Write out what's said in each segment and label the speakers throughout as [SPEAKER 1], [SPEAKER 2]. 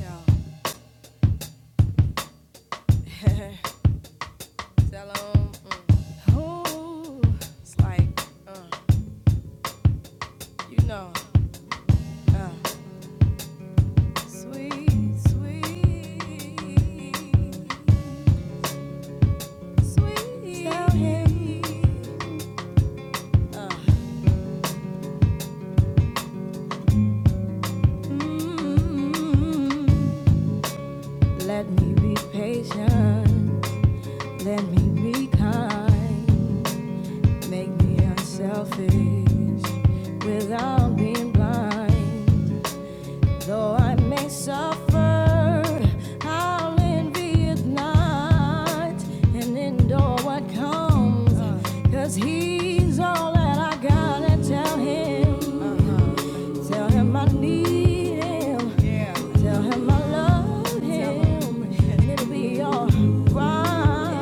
[SPEAKER 1] Yo, tell 'em, mm, ooh, it's like, uh, you know, uh, sweet, sweet, sweet. Tell him, uh, mm, let me be patient, let me be kind, make me unselfish without being blind. Though I may suffer, I'll envy it not and endure what comes. Cause he's all that I got and tell him. Tell him I need him. Tell him I love him. And it'll be alright.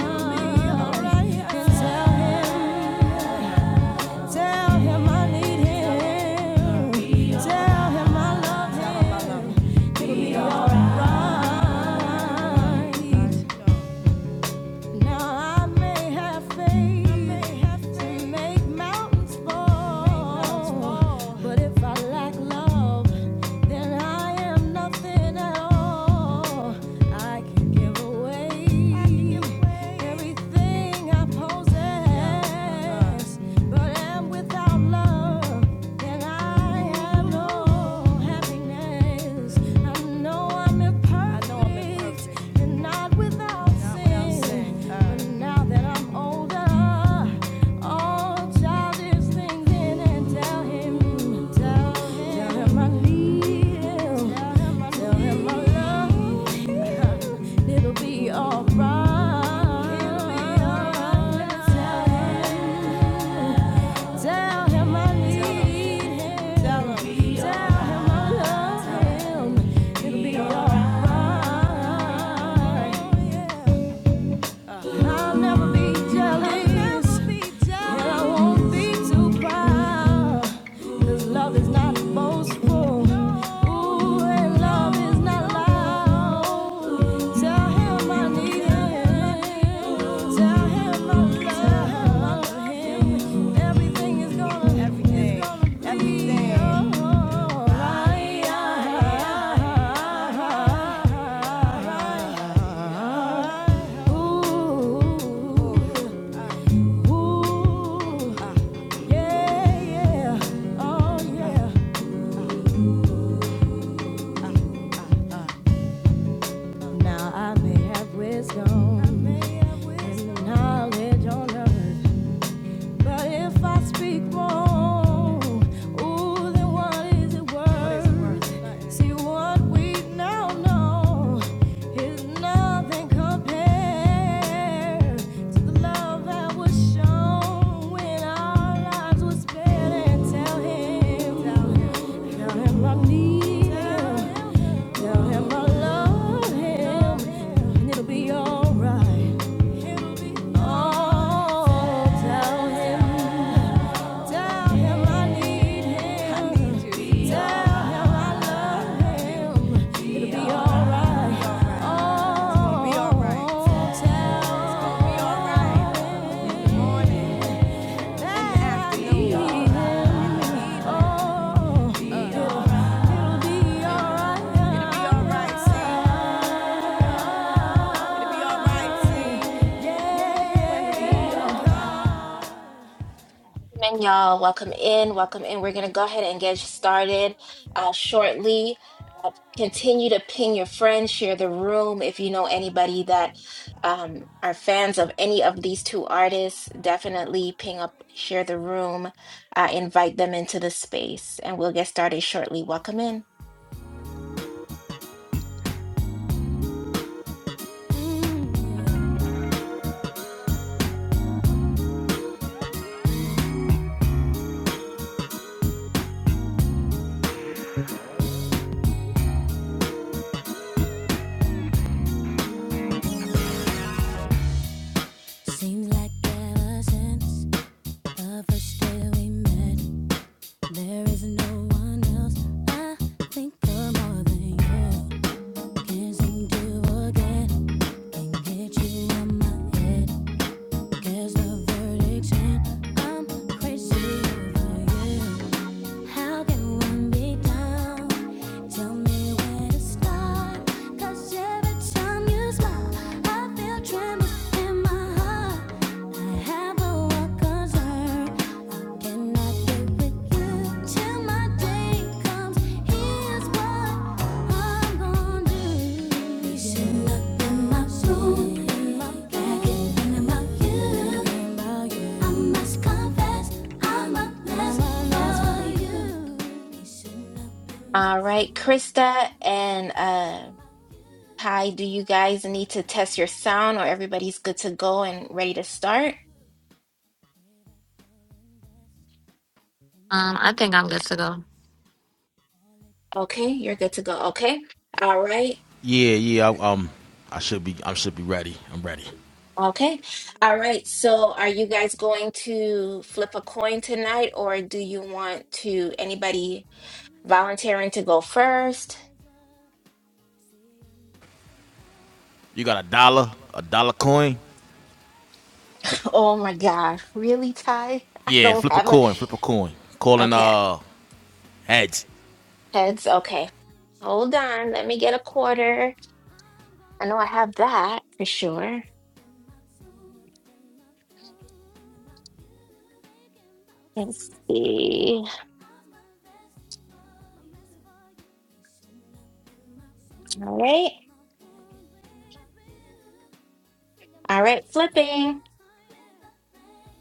[SPEAKER 1] And tell him. Tell him I need him. Tell him I love him. It'll be alright. Now I may have faith to make mountains fall, but if I lack love, then I am nothing at all. I can give away everything I possess, but am without love, then I have no happiness. I know I'm imperfect and not without sin. uh. But now that I'm older, all childish things in and tell him, tell him I need tell him I love It'll be alright. Tell him. Tell him I need him. Tell him I love him. It'll be alright. I'll never be jealous. And I won't be too proud. Cause love is not boastful. Ooh, and love is not loud. Tell him I need him. Tell him I love him. Everything is gonna, everything, everything. Ooh, ooh, yeah, yeah, oh yeah. Now I may have wisdom, I may have wisdom and knowledge on earth, but if I speak more, ooh, then what is it worth? See what we now know is nothing compared to the love that was shown when our lives were spared. And tell him, tell him I need him, tell him I love him, and it'll be alright. Oh, tell him. Tell him I need him. Tell him I love him. It'll be alright. Oh, oh, oh. tell him that I need him. Oh, it'll be alright.
[SPEAKER 2] Welcome in, y'all. Welcome in. Welcome in. We're going to go ahead and get started uh, shortly. Uh, continue to ping your friends, share the room. If you know anybody that um, are fans of any of these two artists, definitely ping up, share the room, uh, invite them into the space, and we'll get started shortly. Welcome in.
[SPEAKER 1] Yeah. Seems like ever since the first day we met, there is no one else I think of more than you. Can't seem to forget, can't get you out my head. Guess the verdict's in, I'm crazy over you. How can one be down? Tell me where to start. 'Cause every time you smile, I feel tremors in my heart. I have a wild concern. I cannot get with you till my day comes. Here's what I
[SPEAKER 2] All right, Krista and uh, Kai, do you guys need to test your sound or everybody's good to go and ready to start?
[SPEAKER 3] Um, I think I'm good to go.
[SPEAKER 2] Okay, you're good to go. Okay. All right. Okay. All right. So are you guys going to flip a coin tonight or do you want to anybody volunteering to
[SPEAKER 1] Tell
[SPEAKER 2] go
[SPEAKER 1] me
[SPEAKER 2] first?
[SPEAKER 1] what is up. See you tomorrow. Tell me if I'm wrong, if I'm
[SPEAKER 2] Oh my gosh.
[SPEAKER 1] getting
[SPEAKER 2] Really, Ty?
[SPEAKER 1] close.
[SPEAKER 2] I
[SPEAKER 1] Have
[SPEAKER 2] don't have a
[SPEAKER 1] no
[SPEAKER 2] okay. Heads. Okay.
[SPEAKER 1] concern. I'm concerned
[SPEAKER 2] Hold on. Let me get a quarter.
[SPEAKER 1] you that you- I'm
[SPEAKER 2] I
[SPEAKER 1] gonna
[SPEAKER 2] know I
[SPEAKER 1] do
[SPEAKER 2] have
[SPEAKER 1] this.
[SPEAKER 2] that for sure.
[SPEAKER 1] my soul, then my thinking about you, thinking about you.
[SPEAKER 2] Let's see.
[SPEAKER 1] must confess, I must confess, I must for you. Shouldn't have my soul,
[SPEAKER 2] All right.
[SPEAKER 1] my thinking about you. something
[SPEAKER 2] All
[SPEAKER 1] about
[SPEAKER 2] right,
[SPEAKER 1] you. Love
[SPEAKER 2] flipping.
[SPEAKER 1] that's forever.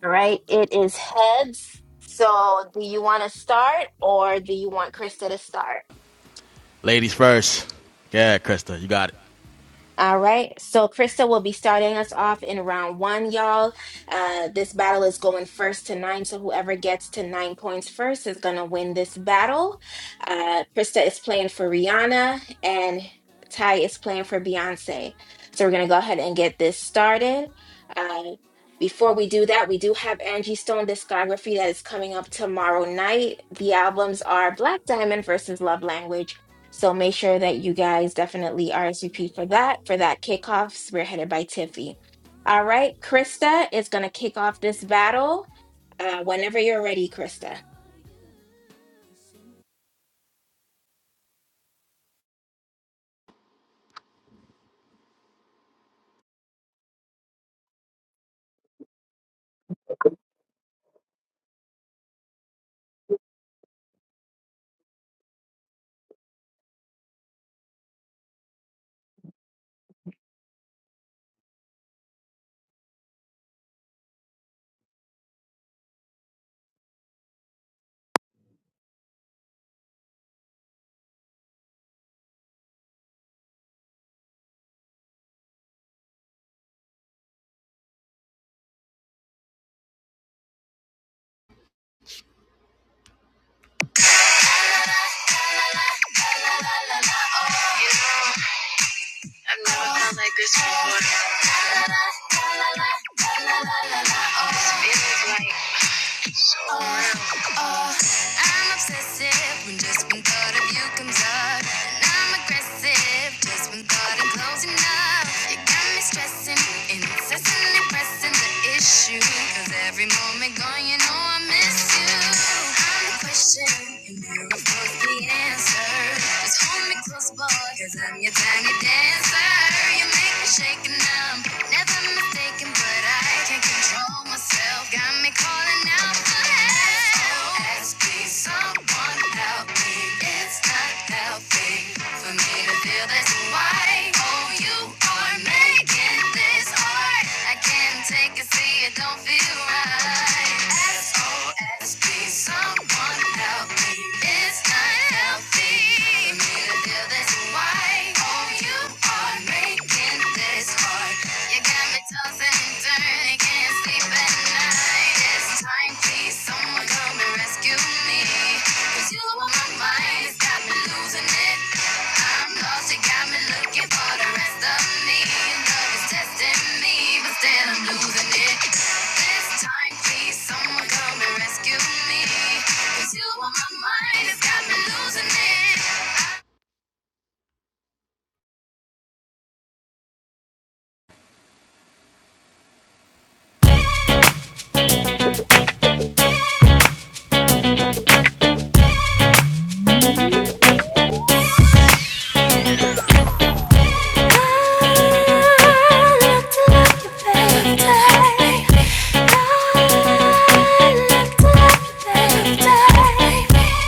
[SPEAKER 2] All right, it is heads. So do you want to start or do you want Krista to start? All right. So Krista will be starting us off in round one, y'all. Uh, this battle is going first to nine. So whoever gets to nine points first is going to win this battle. Uh, Krista is playing for Rihanna and Ty is playing for Beyonce. So we're going to go ahead and get this started. Uh, before we do that, we do have Angie Stone discography that is coming up tomorrow night. The albums are Black Diamond versus Love Language so make sure that you guys definitely RSVP for that, for that kickoffs, we're headed by Tiffy. All right, Krista is going to kick off this battle uh, whenever you're ready, Krista.
[SPEAKER 3] like like so I'm obsessive when just one thought of you comes up. And I'm aggressive just when thought of closing up. You got me stressing, incessantly pressing the issue. Cause every moment gone, you know I miss you. I'm the question, and you're of course the answer. Just hold me close, boy, cause I'm your tiny dancer. You make me shake and numb, never mistaken, but I can't control on myself. someone help me. It's not healthy for me to feel this way. Oh, you are making this hard. I can't take it, see it don't feel right. SOS, please someone help me. It's not healthy for me to feel this way. Oh, you are making this part. You got me tossing and turning, can't sleep at night. It's time, please, someone come and rescue me. you on my mind, it's got me losing it. I'm lost, you got me looking for the rest of me. Love is testing me, but still I'm losing it. This time, please, someone come and rescue me. you on my mind, it's got me losing it.
[SPEAKER 4] Baby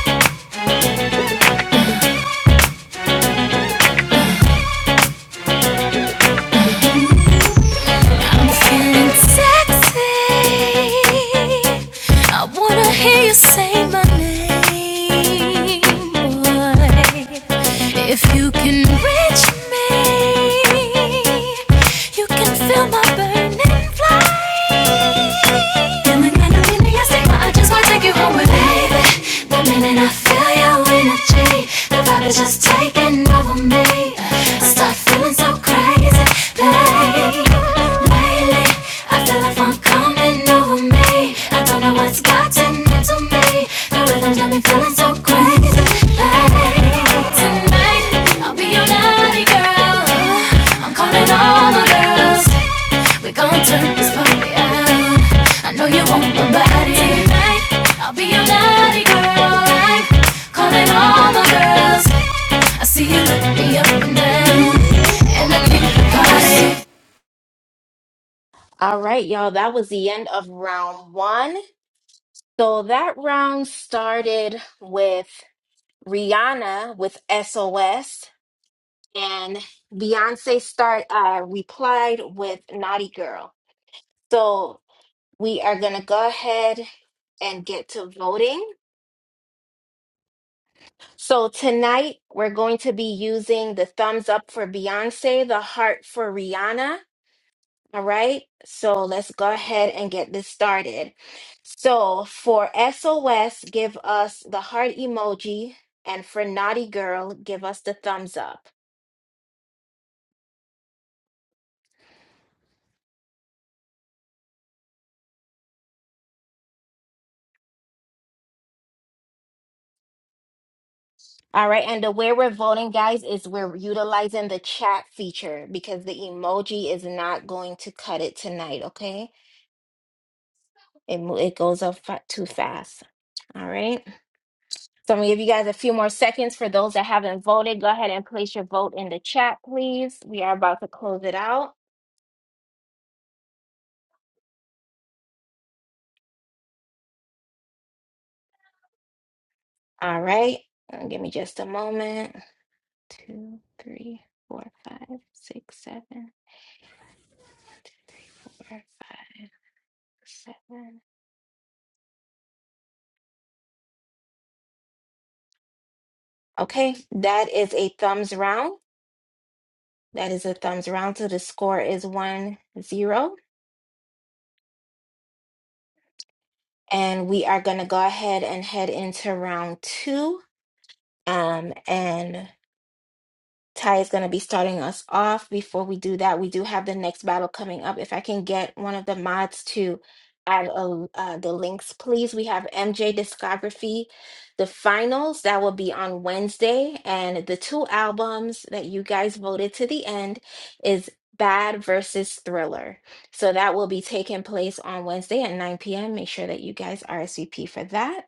[SPEAKER 4] I'm feeling sexy. I wanna hear you say my name, boy. If you can reach me, you can feel my burning flame. Feeling kind of giddy, I say, but I just wanna take you home with me, baby. The minute I feel your energy, the vibe is just taking over me. I start feeling so crazy, babe. Lately, I feel like fun coming over me. I don't know what's gotten into me. The rhythm's got me feeling so crazy, babe. Tonight, I'll be your naughty girl. I'm calling all the girls. We gon' turn this party out. I know you want my body. Tonight, I'll be your naughty girl. Like, calling all my girls. I see you look me up and down. And I think the party.
[SPEAKER 2] All right, y'all, that was the end of round one. So that round started with Rihanna with SOS and Beyonce start uh, replied with Naughty Girl. So we are going to go ahead and get to voting. So tonight we're going to be using the thumbs up for Beyonce, the heart for Rihanna. All right. So let's go ahead and get this started. So for SOS, give us the heart emoji. And for Naughty Girl, give us the thumbs up. All right. And the way we're voting, guys, is we're utilizing the chat feature because the emoji is not going to cut it tonight. Okay. It, mo- it goes up fa- too fast. All right. So I'm gonna give you guys a few more seconds for those that haven't voted. Go ahead and place your vote in the chat, please. We are about to close it out. All right. Uh, Give me just a moment. Two, three, four, five, six, seven, four, five, seven. Okay, that is a thumbs round. That is a thumbs round. So the score is one zero. And we are gonna go ahead and head into round two. Um, and Ty is going to be starting us off. Before we do that, we do have the next battle coming up. If I can get one of the mods to add a, uh, the links, please. We have MJ Discography, the finals that will be on Wednesday. And the two albums that you guys voted to the end is Bad versus Thriller. So that will be taking place on Wednesday at 9 p.m. Make sure that you guys RSVP for that.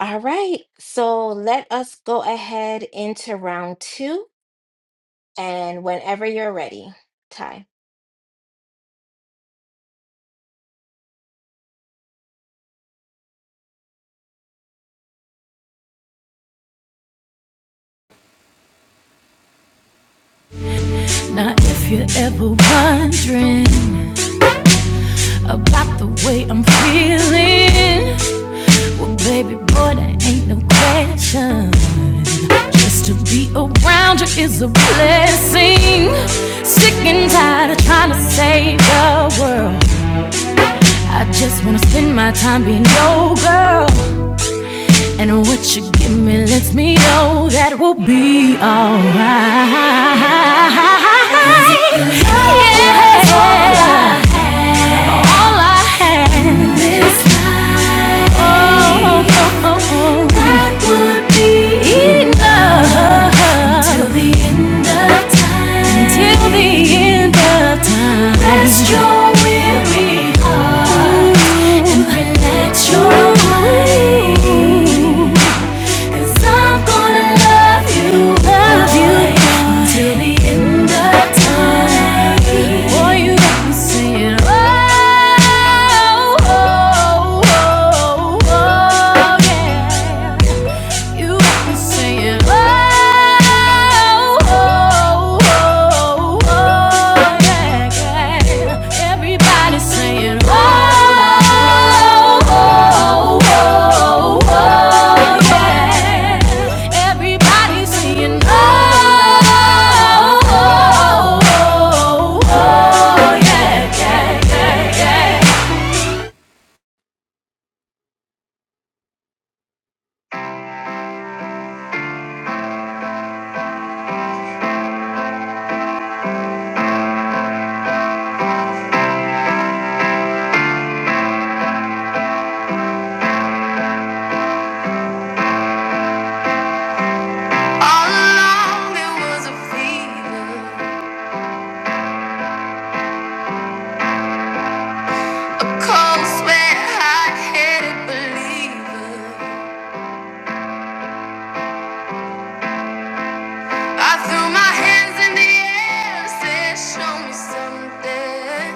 [SPEAKER 2] All right, so let us go ahead into round two. And whenever you're ready, Ty.
[SPEAKER 4] Now, if you're ever wondering about the way I'm feeling, well, baby boy, there ain't no question. Just to be around you is a blessing. Sick and tired of trying to save the world. I just wanna spend my time being your girl. And what you give me lets me know that we'll be alright. Yeah. All I had is oh, oh, oh, oh. be enough till the end of time. Rest your weary heart and relax your mind. Cause I'm gonna love you, love you till the end of time. Boy, you got me oh, oh, oh, oh, oh, yeah. You got me oh, oh, oh, Oh, oh, yeah, yeah. Everybody's saying, oh, oh, oh, oh, yeah. Everybody's saying, oh, oh, oh, oh, yeah, yeah, yeah, yeah.
[SPEAKER 3] All along, there was a fever. Cold sweat, hot-headed believer. I threw my hands in the air said, "Show me something."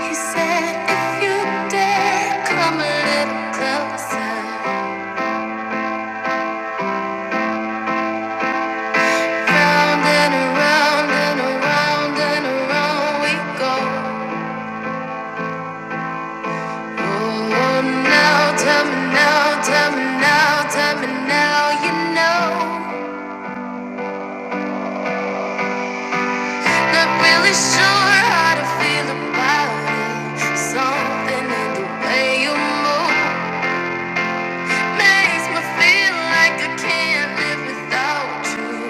[SPEAKER 3] He said, "If you dare, come a little closer." Round and around and around and around we go. Oh, now tell me now, tell me now, tell me now, you know. Not really sure how to feel about it. Something in the way you move makes me feel like I can't live without you.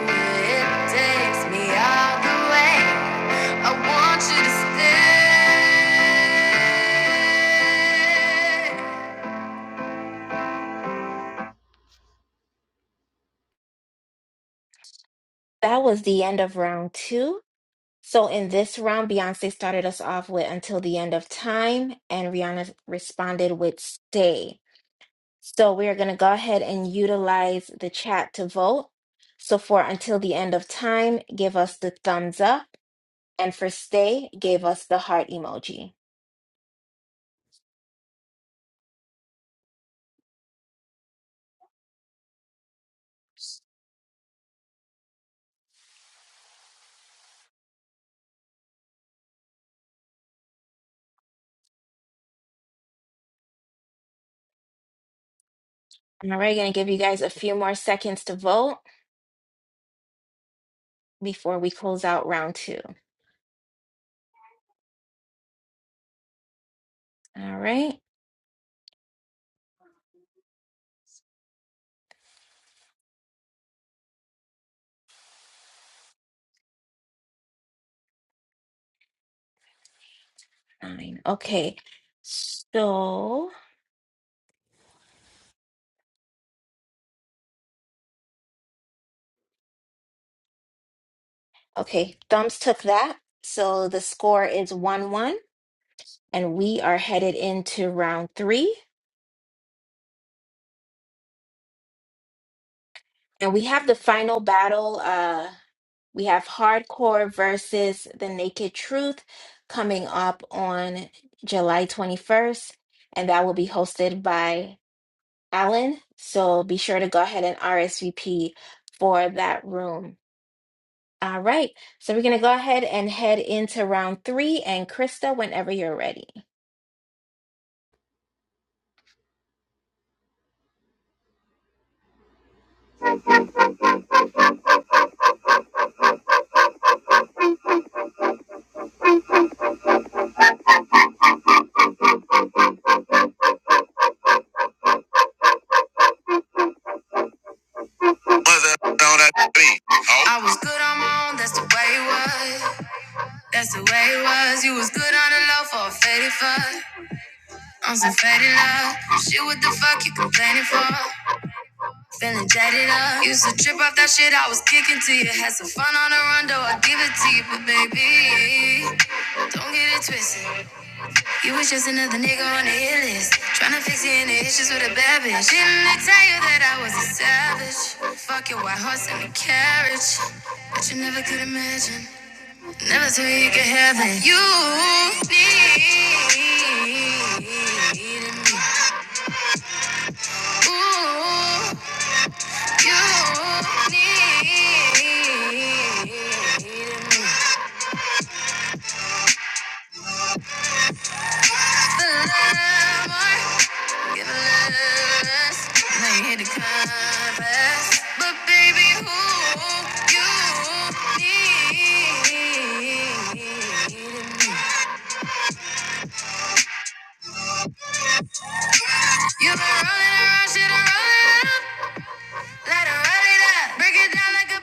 [SPEAKER 3] It takes me all the way. I want you to stay.
[SPEAKER 2] That was the end of round two. So in this round, Beyonce started us off with Until the End of Time, and Rihanna responded with Stay. So we are going to go ahead and utilize the chat to vote. So for Until the End of Time, give us the thumbs up. And for Stay, give us the heart emoji. All right, going to give you guys a few more seconds to vote before we close out round two. All right. Nine. Okay. So, okay, Thumbs took that. So the score is 1 1, and we are headed into round three. And we have the final battle. Uh, we have Hardcore versus The Naked Truth coming up on July 21st, and that will be hosted by Alan. So be sure to go ahead and RSVP for that room. All right, so we're going to go ahead and head into round three. And Krista, whenever you're ready.
[SPEAKER 3] Was Oh. I was good on my own, that's the way it was. That's the way it was. You was good on the low for a faded fuss. I'm so fed in love. Shit, what the fuck you complaining for? Feeling jaded up. Used to trip off that shit I was kicking to you. Had some fun on the run, though I give it to you, but baby, don't get it twisted. You was just another nigga on the hit list. Tryna fix your inner issues with a bad bitch. Didn't I tell you that I was a savage? Fuck your white horse and a carriage. But you never could imagine. Never thought you could have it. You need. me. Ooh, you need the love more, give a little less. Now you hit the compass, but baby, who you need? You've been rolling around, shit, I'm rolling up. Let her run it up, break it down like a.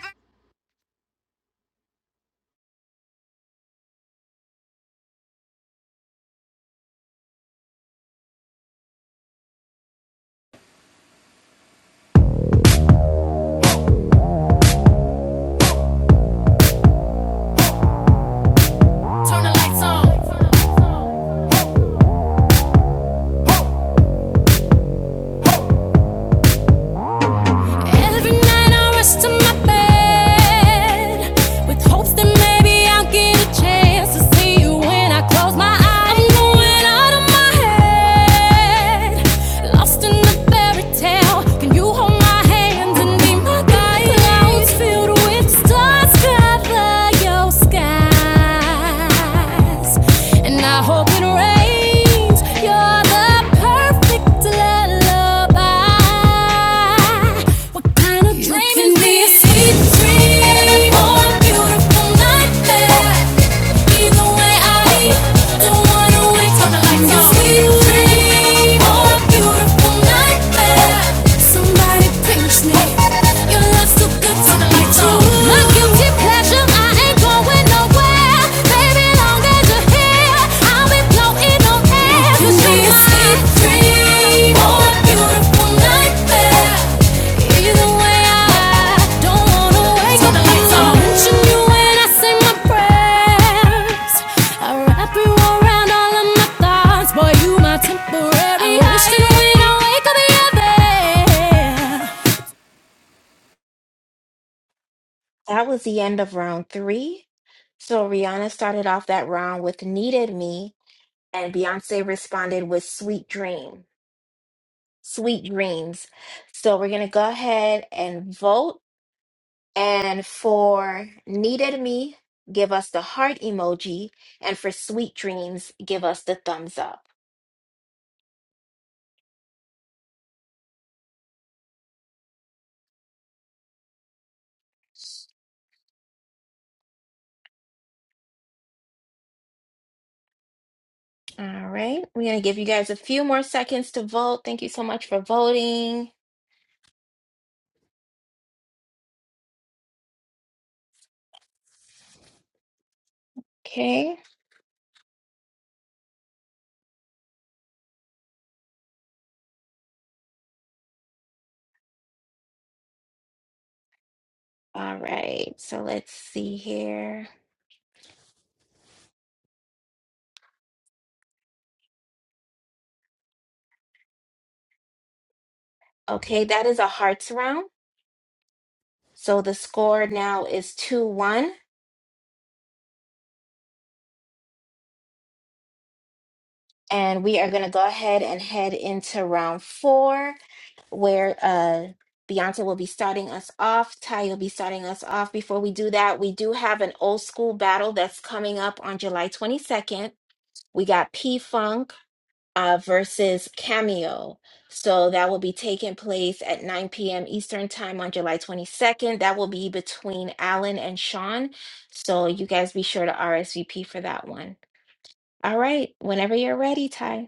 [SPEAKER 4] Turn the lights on. Every night I rush to my bed with hopes that maybe I'll get a chance to see you when I close my eyes. I'm going out of my head, lost in the fairy tale. Can you hold my hand and be my guide? Clouds filled with stars cover your skies, and I hope it rains. You're the perfect lullaby. What kind of dream is this? Sweet dream or a beautiful nightmare. Either way, I don't wanna wake up like no. Sweet dream or a beautiful nightmare. Somebody pinch me. Your love's too good to be true. My guilty pleasure, I ain't gonna going nowhere. Baby, long as you're here, I'll be floating on You see my dream or beautiful nightmare. Either way, I don't wanna wake up. I mention you when I say my prayers. I wrap you around all of my thoughts, boy, you my temporary. I wish that we'd wake up the other.
[SPEAKER 2] That was the end of round three. So Rihanna started off that round with Needed Me, and Beyonce responded with Sweet Dream, Sweet Dreams. So we're going to go ahead and vote. And for Needed Me, give us the heart emoji. And for Sweet Dreams, give us the thumbs up. All right, we're gonna give you guys a few more seconds to vote. Thank you so much for voting. Okay, all right, so let's see here. Okay, that is a hearts round. So the score now is 2 1, and we are gonna go ahead and head into round four, where uh Beyonce will be starting us off. Ty will be starting us off. Before we do that, we do have an old school battle that's coming up on July 22nd. We got P Funk uh, versus Cameo. So that will be taking place at 9 p.m. Eastern Time on July 22nd. That will be between Alan and Sean. So you guys be sure to RSVP for that one. All right, whenever you're ready, Ty.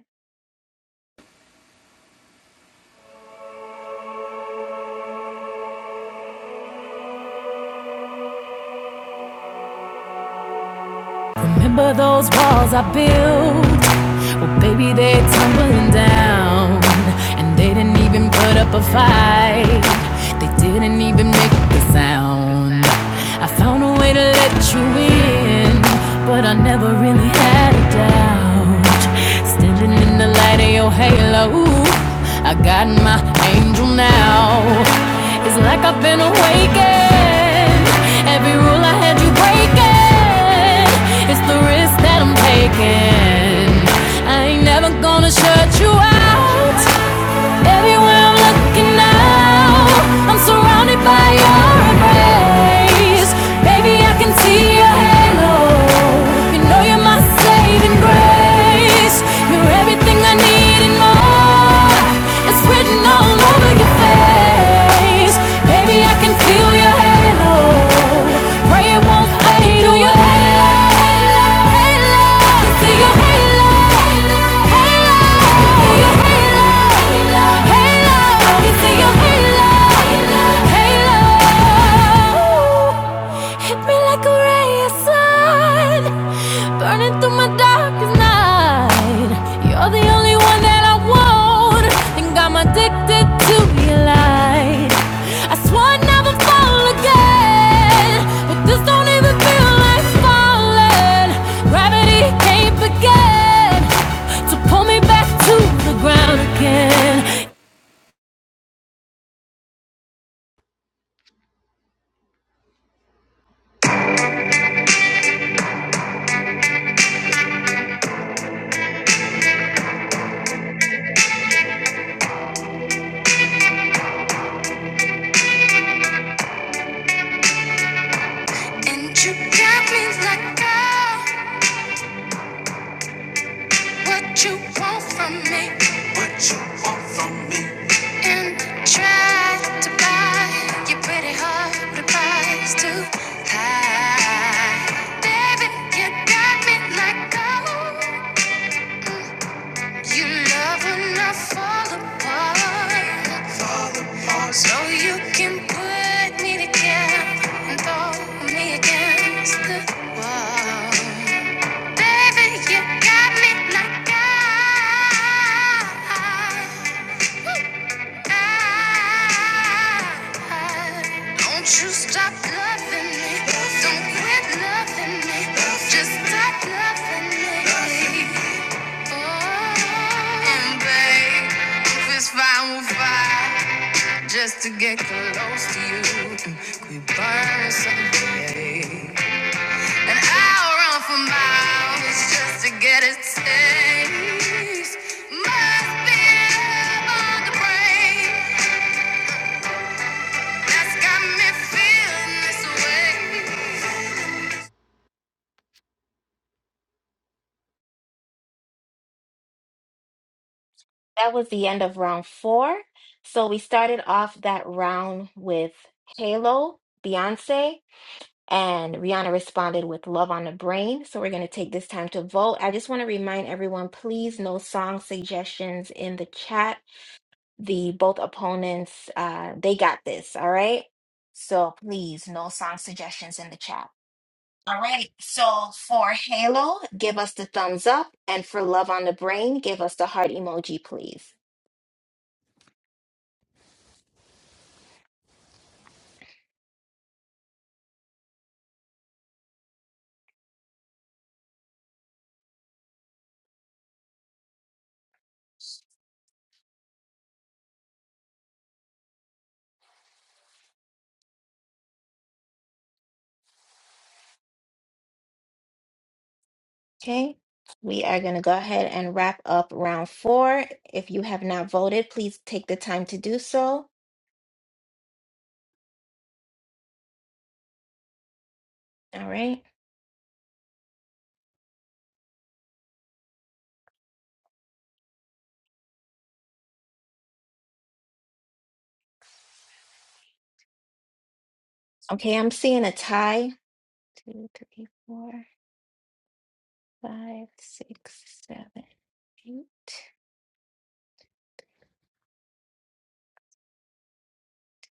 [SPEAKER 4] Remember those walls I built? Well, baby, they're tumbling down. And they didn't even put up a fight. They didn't even make a sound. I found a way to let you in, but I never really had a doubt. Standing in the light of your halo, I got my angel now. It's like I've been awakened. Every rule I had you breaking again. It's the risk that I'm taking. I ain't never gonna shut you out. Everywhere I'm looking now, I'm surrounded by your embrace. Baby, I can see your halo. You know you're my saving grace. You're everything I need and more. It's written all over your face. Baby, I can feel your halo. Pray it won't fade. Do your halo, halo, halo. Do your halo, halo, halo. Do your halo, halo, halo. You see your halo, halo, halo. Hit me like a ray of inside, burning through my darkest night. You're the only one that I want. Think I'm addicted to your light. I swore I'd never fall again, but this don't even feel like falling. Gravity can't begin to pull me back to the ground again.
[SPEAKER 3] And you got me like, girl, what you want from me? and tried to buy your pretty heart with a price too high. Baby, you got me like gold. You love when I fall apart, so you can put me together and throw me against the wall. Baby, you got me like gold. Don't you stop loving me. Don't quit loving me. Just stop loving me. Oh, and babe, if it's fine, we'll fight just to get close to you. We burn someday. And I'll run for miles just to get a taste. Must be love on the brain. That's got me feeling this way.
[SPEAKER 2] That was the end of round four. So we started off that round with Halo, Beyonce, and Rihanna responded with Love on the Brain. So we're going to take this time to vote. I just want to remind everyone please, no song suggestions in the chat the both opponents uh they got this all right so please no song suggestions in the chat all right so for halo give us the thumbs up and for love on the brain give us the heart emoji please okay we are going to go ahead and wrap up round four if you have not voted please take the time to do so all right okay i'm seeing a tie two three four five six seven eight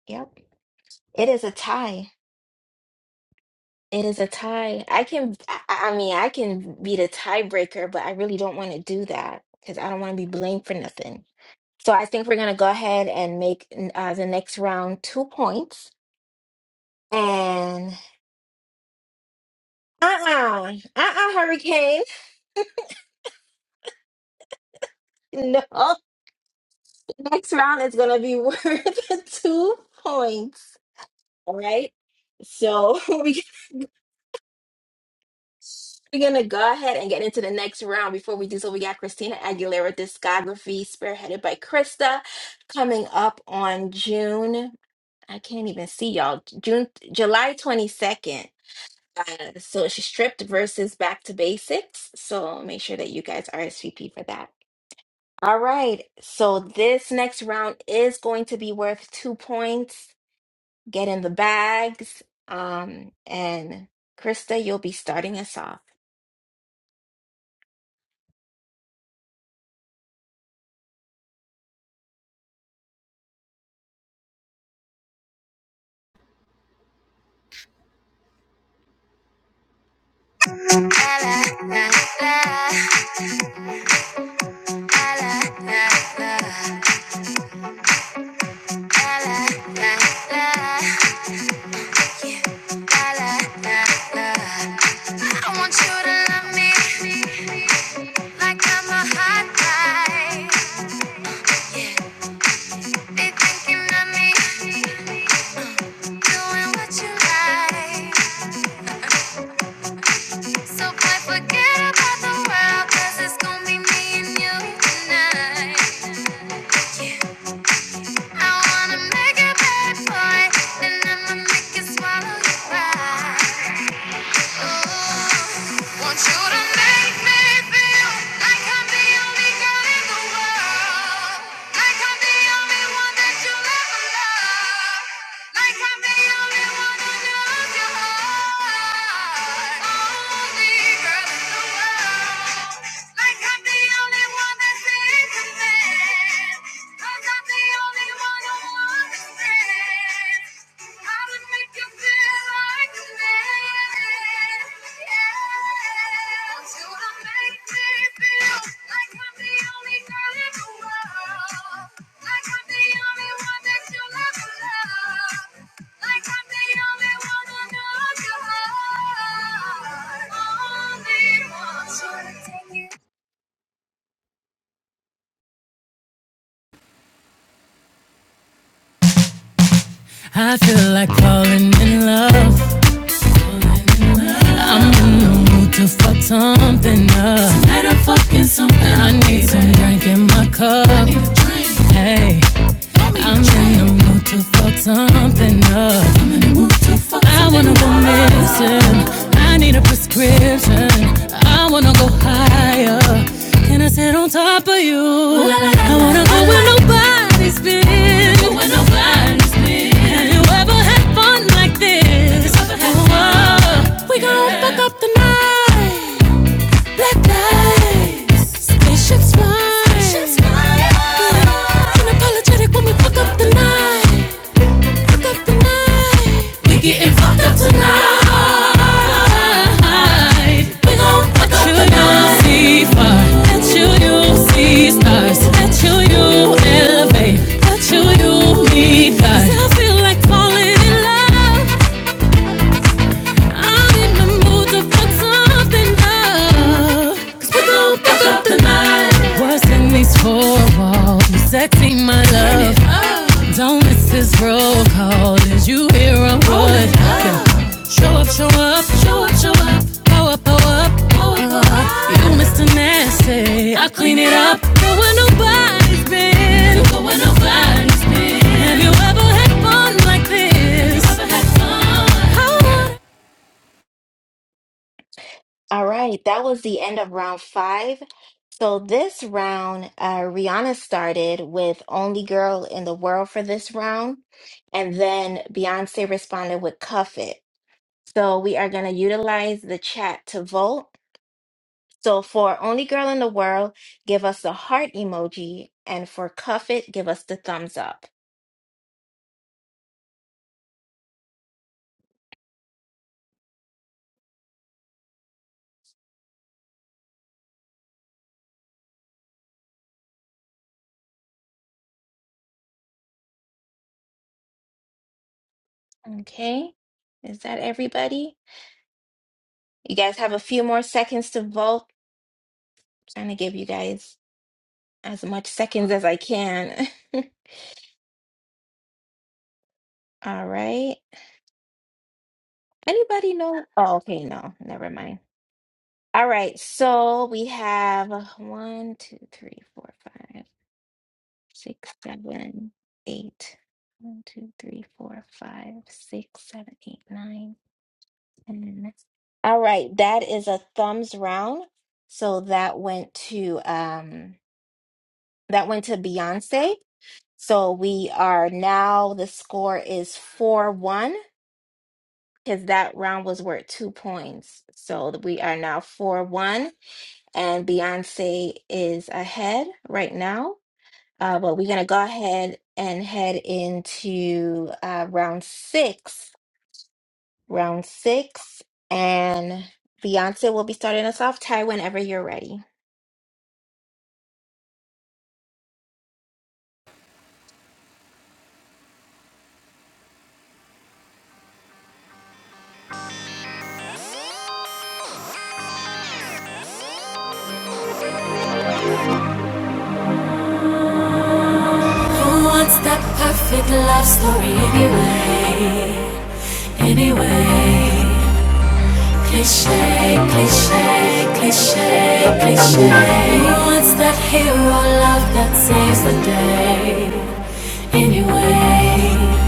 [SPEAKER 2] yep it is a tie It is a tie. I can, I I mean, I can be the tiebreaker, but I really don't want to do that because I don't want to be blamed for nothing. So I think we're going to go ahead and make uh, the next round two points. And uh-uh, uh-uh, Hurricane. No, the next round is going to be worth two points. All right. So we We're gonna go ahead and get into the next round. Before we do so, we got Christina Aguilera discography spearheaded by Krista coming up on June. I can't even see y'all. June, July 22nd. Uh, so she stripped versus back to basics. So make sure that you guys RSVP for that. All right. So this next round is going to be worth two points. Get in the bags. Um, and Krista, you'll be starting us off.
[SPEAKER 3] La, la, la, la, la, la, la, la. yeah. La, la, la, la. I want you to love me like I'm a hot guy. Yeah, they thinking of me, doing what you like. So boy, forget about the world, 'cause it's gonna be me and you tonight. I wanna make it bad for it, and I'ma make it swallow your pride. Want you to make me feel like I'm the only girl in the world. Like I'm the only one that you love. Like I'm the only one who knows your heart. Only girl in the world. Like I'm the only one that's in command. 'Cause I'm the only one who
[SPEAKER 4] I feel like falling in love. to fuck something up. Tonight I'm fucking something. I need some drink in my cup. Hey, I'm in the mood to fuck something up. I'm in the mood to fuck something up. I wanna go missing. I need a prescription. I wanna go higher. Can I sit on top of you? I wanna go where nobody's been. When nobody's Have been. you ever had fun like this? Oh, we gon' fuck up the night. Black eyes, spaceships fly. Yeah. Unapologetic when we fuck up the We getting fucked up tonight. We gon' fuck up the night. See fire. That you see stars. That you elevate. That you meet guys. I feel like falling in love. I'm in the mood to fuck something up. we gon' fuck up the night. What's in these four walls? You sexy, my love. Don't miss this roll call. Did you hear a word? Yeah. Show up, show up, show up, show up. Pow up, pow up. Uh, you Mr. Nasty. I clean it up. Go where nobody's been. Go where nobody's been. Have you ever had fun like this? Have you ever had fun?
[SPEAKER 2] All right, that was the end of round five. So this round, uh, Rihanna started with Only Girl in the World for this round, and then Beyonce responded with Cuff It. So we are going to utilize the chat to vote. So for Only Girl in the World, give us the heart emoji. And for Cuff It, give us the thumbs up. Okay. Is that everybody? You guys have a few more seconds to vote. trying to give you guys as much seconds as I can. All right. Anybody know? Oh, okay, no, never mind. All right, so we have uh, one, two, three, four, five, six, seven, eight. One, two, three, four, five, six, seven, eight, nine, ten. All right, that is a thumbs round. So that went to um that went to Beyonce. So we are now the score is four one. because that round was worth two points. So th- we are now 4 1, and Beyonce is ahead right now. Uh, but we're going to go ahead and head into uh, round six. Round six, and Beyonce will be starting us off. Ty, whenever you're ready.
[SPEAKER 4] Who wants that perfect love story anyway? Anyway, cliche, cliche, cliche, cliche. Who wants that hero love that saves the day? Anyway,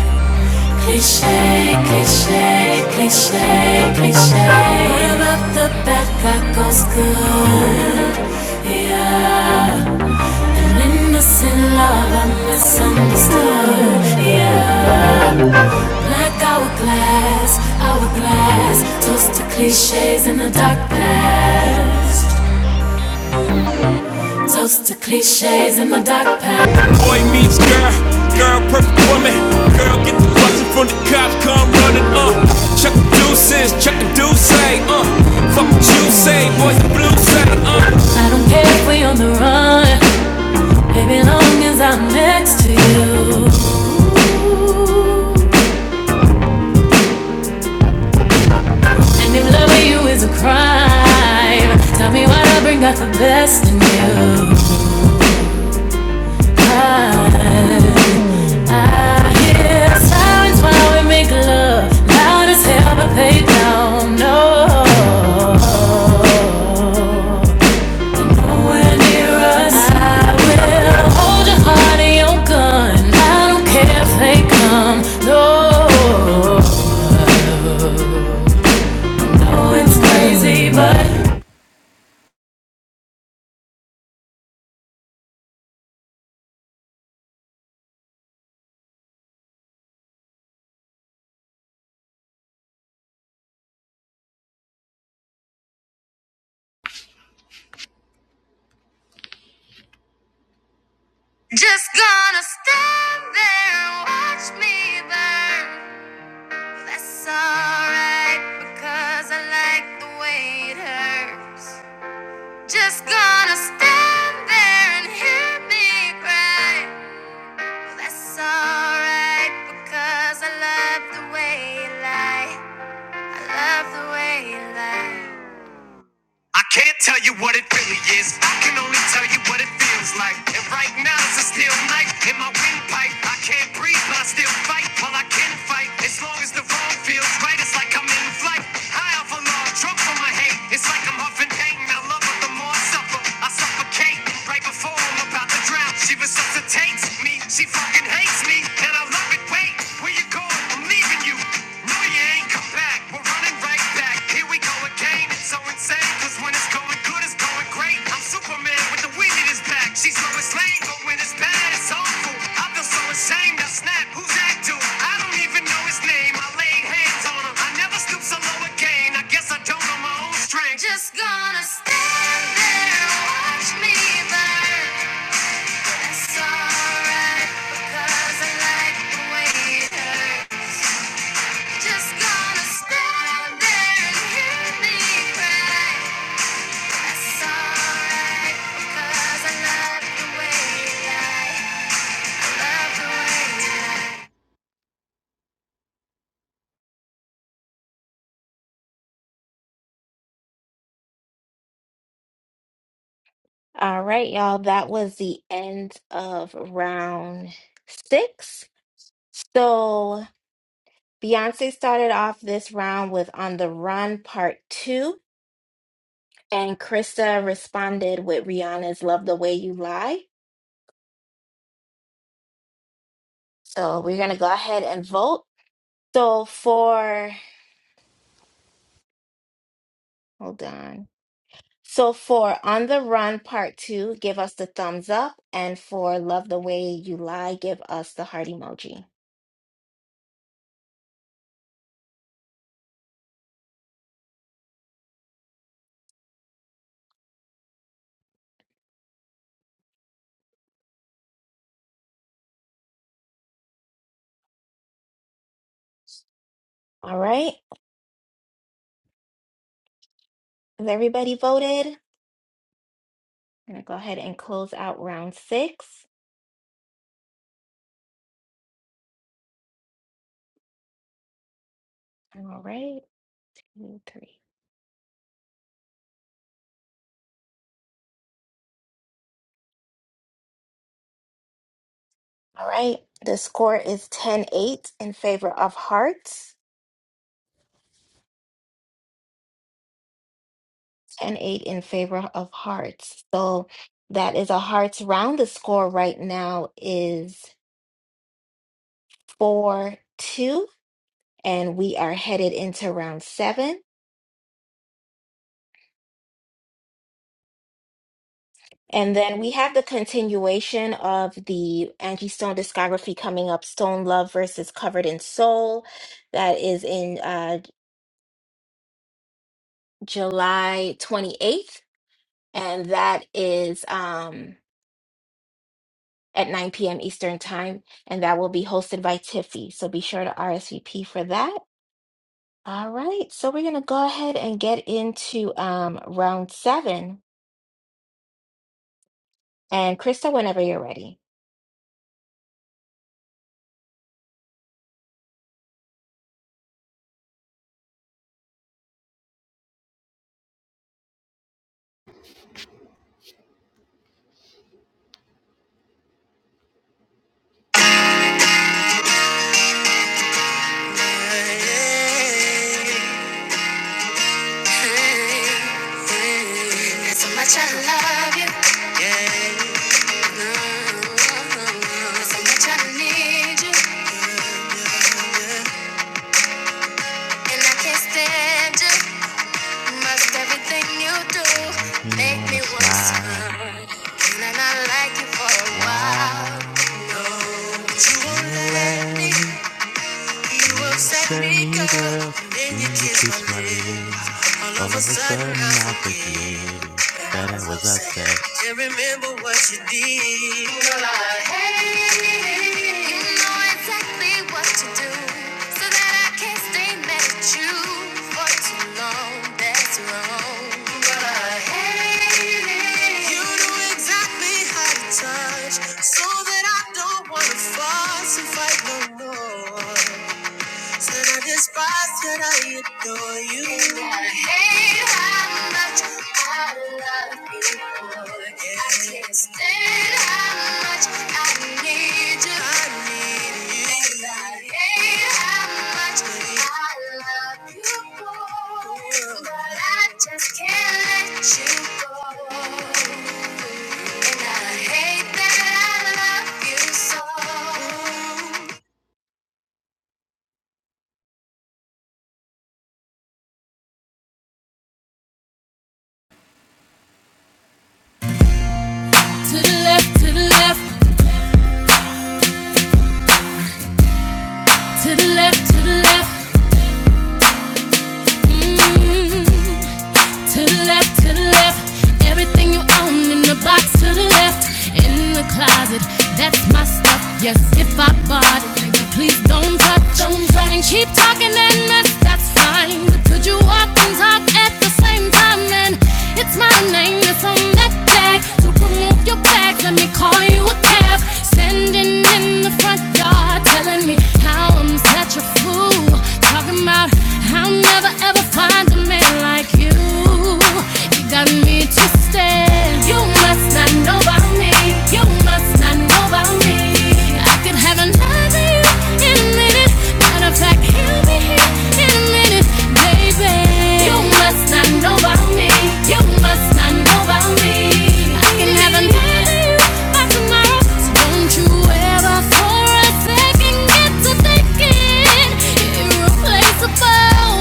[SPEAKER 4] cliche, cliche, cliche, cliche. What about the bad guy goes good? Yeah, an innocent love, i misunderstood. Yeah. Like hourglass, hourglass. Toast to cliches in the dark past. Toast to cliches in the dark past. Boy meets girl, girl perfect woman. Girl get the bustin' from the cops, come running. Uh, check the deuces, check the deuce, say. Uh, fuck what you say, boys the blue say. Uh, I don't care if we on the run, baby, long as I'm next to you. And if loving you is a crime, tell me why I bring out the best in you. I, I hear sirens while we make love, loud as hell but they don't know. Nowhere near us. I will hold your heart and your gun. I don't care if they come. No. Oh, it's crazy, but
[SPEAKER 3] just gonna stand there and watch me burn. That's alright because I like the way it hurts. Just gonna stand there and hear me cry. That's alright because I love the way you lie. I love the way you lie. I can't tell you what it really is. I can only tell you what it feels like. And right now it's a steel knife in my windpipe. I can't breathe, but I still fight. Well, I can fight. As long as the wrong feels right, it's like I'm in flight. High off a log, drunk from my hate. It's like I'm huffing pain. I love her, the more I suffer. I suffocate. Right before I'm about to drown, she resuscitates me. She fucking hates me. And I love it. Wait, where you going? I'm leaving you. No, you ain't come back. We're running right back. Here we go Game is so insane, cause when it's going good, it's going great. I'm Superman with the wind in his back. She's always lame, but when it's bad, it's awful. I feel so ashamed, I snap. Who's that dude? I don't even know his name. I laid hands on him. I never stoop so low again. I guess I don't know my own strength. Just gonna stand there, watch me burn. That's alright, because I like the way it hurts. Just gonna stand there and hear me cry.
[SPEAKER 2] All right, y'all. That was the end of round six. So Beyonce started off this round with On the Run Part 2 And Krista responded with Rihanna's Love the Way You Lie. So we're going to go ahead and vote. So for, hold on. So for On the Run Part 2, give us the thumbs up. And for Love the Way You Lie, give us the heart emoji. All right. Has everybody voted? I'm going to go ahead and close out round six. All right. Two, three. All right. The score is 10 8 in favor of Hearts. and eight in favor of hearts. So that is a hearts round. The score right now is four two, and we are headed into round seven. And then we have the continuation of the Angie Stone discography coming up, Stone Love versus Covered in Soul. That is in uh, July 28th, and that is um, at 9 p.m. Eastern Time, and that will be hosted by Tiffy. So be sure to RSVP for that. All right, so we're going to go ahead and get into um, round seven. And Krista, whenever you're ready.
[SPEAKER 3] And I like you for a while, no, but you won't let me. You upset me, girl, and then you kiss my lips. All of a sudden, I forget that I was upset. can't remember what you did. Girl, I hate You know exactly what to do, so that I can't stay mad at you for too long. That's wrong. Girl, I hate it. You know exactly how to touch, so that I don't wanna fuss and fight no more. Said I despise, said I adore you. I hate how much I love you. Yeah. I can't stand how much I need you. I need you. And I hate how much I love you. for it. But I just can't let you go. And I hate that I love you so.
[SPEAKER 4] to the left, to the left, to the left, to the left. Mm, To the left, to the left. Everything you own in the box to the left. In the closet, that's my stuff. Yes, if I bought it, nigga, please don't touch. Don't touch. And keep talking and mess, that's fine. But could you walk and talk at the same time? And it's my name that's on that tag. To remove your bags, let me call you a cab. Sending in the front my God, telling me how I'm such a fool. Talking about how I'll never ever find a man like you. You got me twisted. You must not know about me. You must not know about me. I could have another you in a minute. Matter of fact, he'll be here in a minute, baby. You must not know about me. You must not know about me. I can have another you by tomorrow. So don't you ever for a second get to thinking irreplaceable.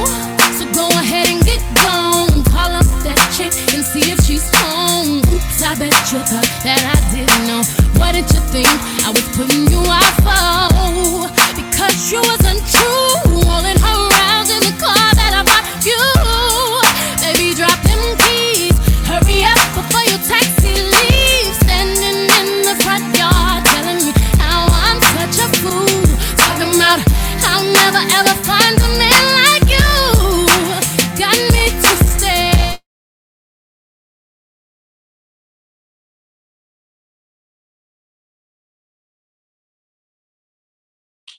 [SPEAKER 4] So go ahead and get gone. Call up that chick and see if she's home. Oops, I bet you thought that I didn't know. What did you think? I was putting you off foe because you wasn't true. Rolling her rounds in the car that I bought you. Baby, drop them keys. Hurry up before your taxi leaves. Standing in the front yard, telling me how I'm such a fool. Talking about I'll never ever find a man like you. Got me to stay.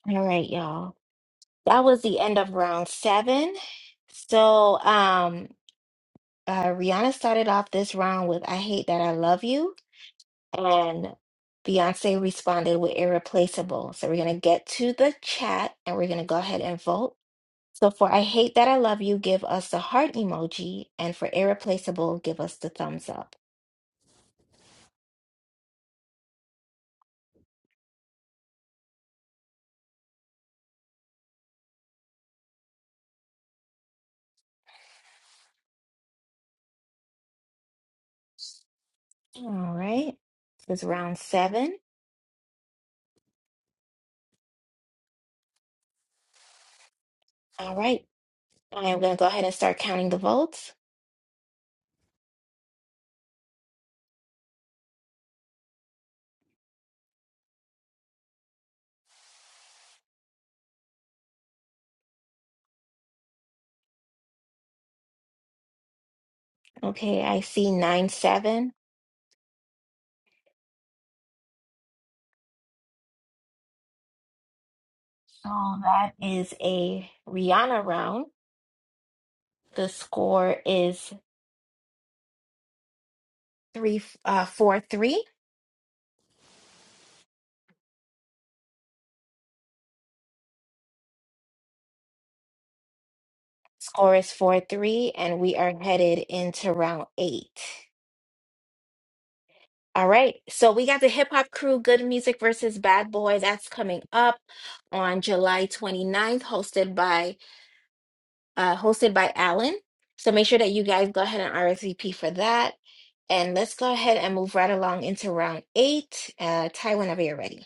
[SPEAKER 2] All right, y'all. That was the end of round seven. So um, uh, Rihanna started off this round with I Hate That I Love You. And Beyonce responded with Irreplaceable. So we're going to get to the chat and we're going to go ahead and vote. So for I Hate That I Love You, give us the heart emoji. And for Irreplaceable, give us the thumbs up. All right. This is round seven. All right. I am going to go ahead and start counting the votes. Okay. I see nine, seven. So that is a Rihanna round. The score is three, uh, four, three. Score is four, three. And we are headed into round eight. All right. So we got the hip hop crew, Good Music versus Bad Boy. That's coming up on July twenty ninth, hosted by uh, hosted by Alan. So make sure that you guys go ahead and RSVP for that. And let's go ahead and move right along into round eight. Uh, Ty, whenever you're ready.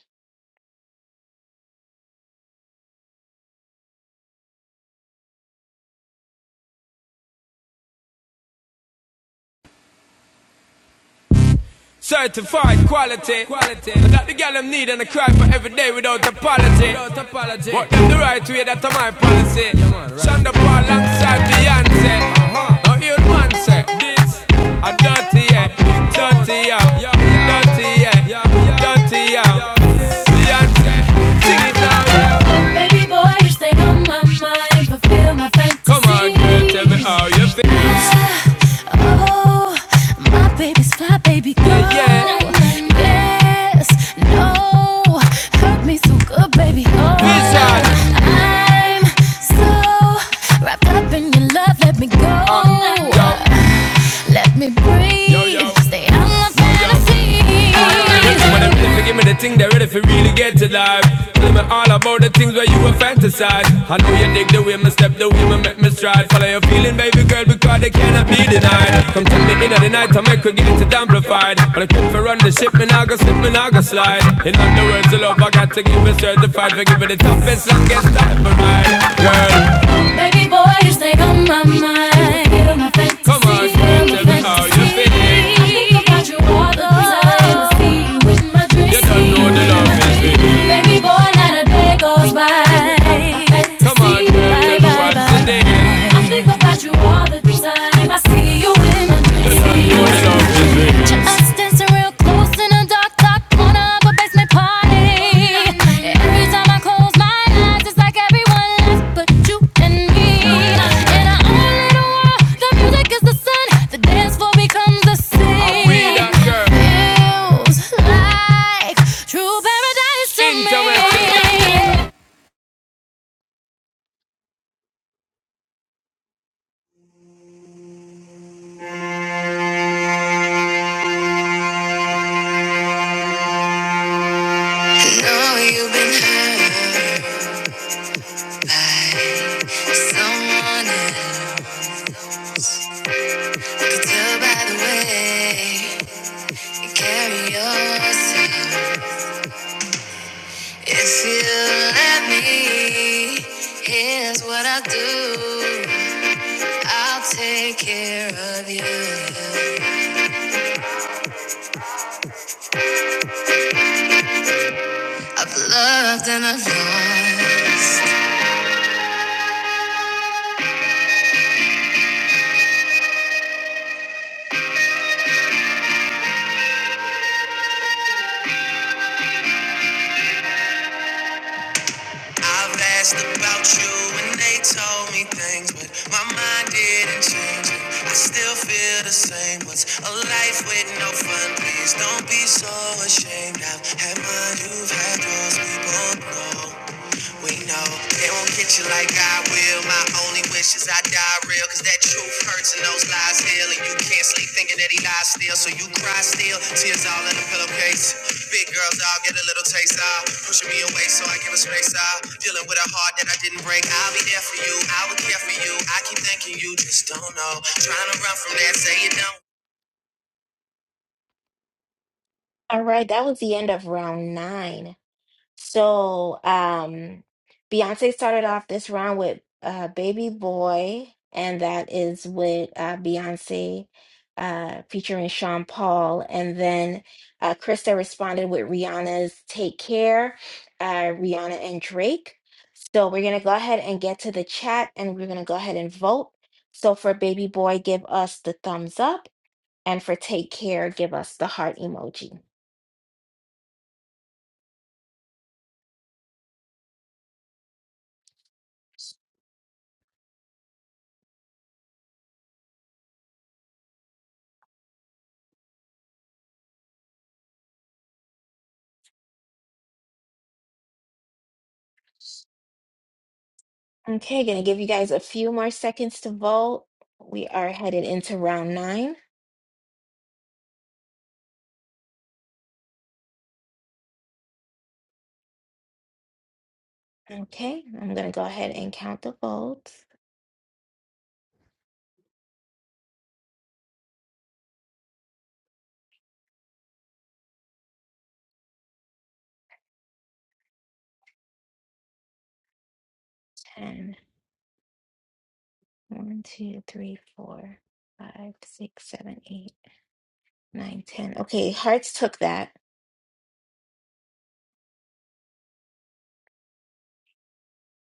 [SPEAKER 4] Certified quality, quality. That the girl them need and I cry for every day without apology. Without apology. But them the right way, that's my policy. Yeah, man, right. Shonda Paul alongside Beyonce. Uh-huh. Now you man say this. I'm dirty, yeah. Dirty, yeah. Dirty, yeah. Dirty, yeah. Beyonce. Sing it loud. Baby boy, you stay on my mind, fulfill my fantasy. Come on, girl, tell me how you feel. Oh, my baby's fly, baby girl. Yeah, Yes, no, hurt me so good, baby. Oh, I'm so wrapped up in your love, let me go. Uh, let me breathe. Yo, yo. Stay out my fantasy. When I'm ready, give me the thing, they're ready for really get to life. Tell me all about the things where you were fantasize. I know you dig the way me step, the way me make me stride. Follow your feeling, baby girl, because they cannot be denied. Come to me in the night, I make her get it amplified. But I keep for run the ship, me I go slip, me I go slide. In other words, the love I got to give it certified. For give it the toughest, longest time for mine, girl. Baby boy, you stay on my mind. you my fantasy. I think about you all the time. See you in my dreams. You Baby boy, not a day goes by. Come on, Fantasy, girl, bye, tell I think about you all the time. I see you in my dreams. You Picture dancing real close in a dark, dark corner of a basement party. Every time I close my eyes, it's like everyone left but you and me. In our own little world, the music is the sun, the dance floor becomes the scene. we Feels like true paradise to me.
[SPEAKER 3] Know you've been hurt by someone else. Could tell by the way you carry yourself. If you let me, here's what I'll do. I'll take care of you. I've loved and I've lost. I've asked about you and they told me things, but my mind didn't change it. I still feel the same. What's a life with no fun? Please don't be so ashamed. I've had mine, you've had yours, we both know. We know they won't get you like I will. My only wish is I die real, cause that truth hurts and those lies heal. And you can't sleep thinking that he lies still, so you cry still. Tears all in the pillowcase. Big girls all get a little taste out. Pushing me away so I give a space out. Dealing with a heart that I didn't break. I'll be there for you, I will care for you. I keep thinking you just don't know. Trying to run from that, say you don't.
[SPEAKER 2] All right, that was the end of round nine. So, um, Beyonce started off this round with uh, Baby Boy, and that is with uh, Beyonce uh, featuring Sean Paul. And then uh, Krista responded with Rihanna's Take Care, uh, Rihanna and Drake. So, we're going to go ahead and get to the chat and we're going to go ahead and vote. So, for Baby Boy, give us the thumbs up, and for Take Care, give us the heart emoji. Okay, gonna give you guys a few more seconds to vote. We are headed into round nine. Okay, I'm gonna go ahead and count the votes. Ten, one, two, three, four, five, six, seven, eight, nine, ten. Okay, hearts took that.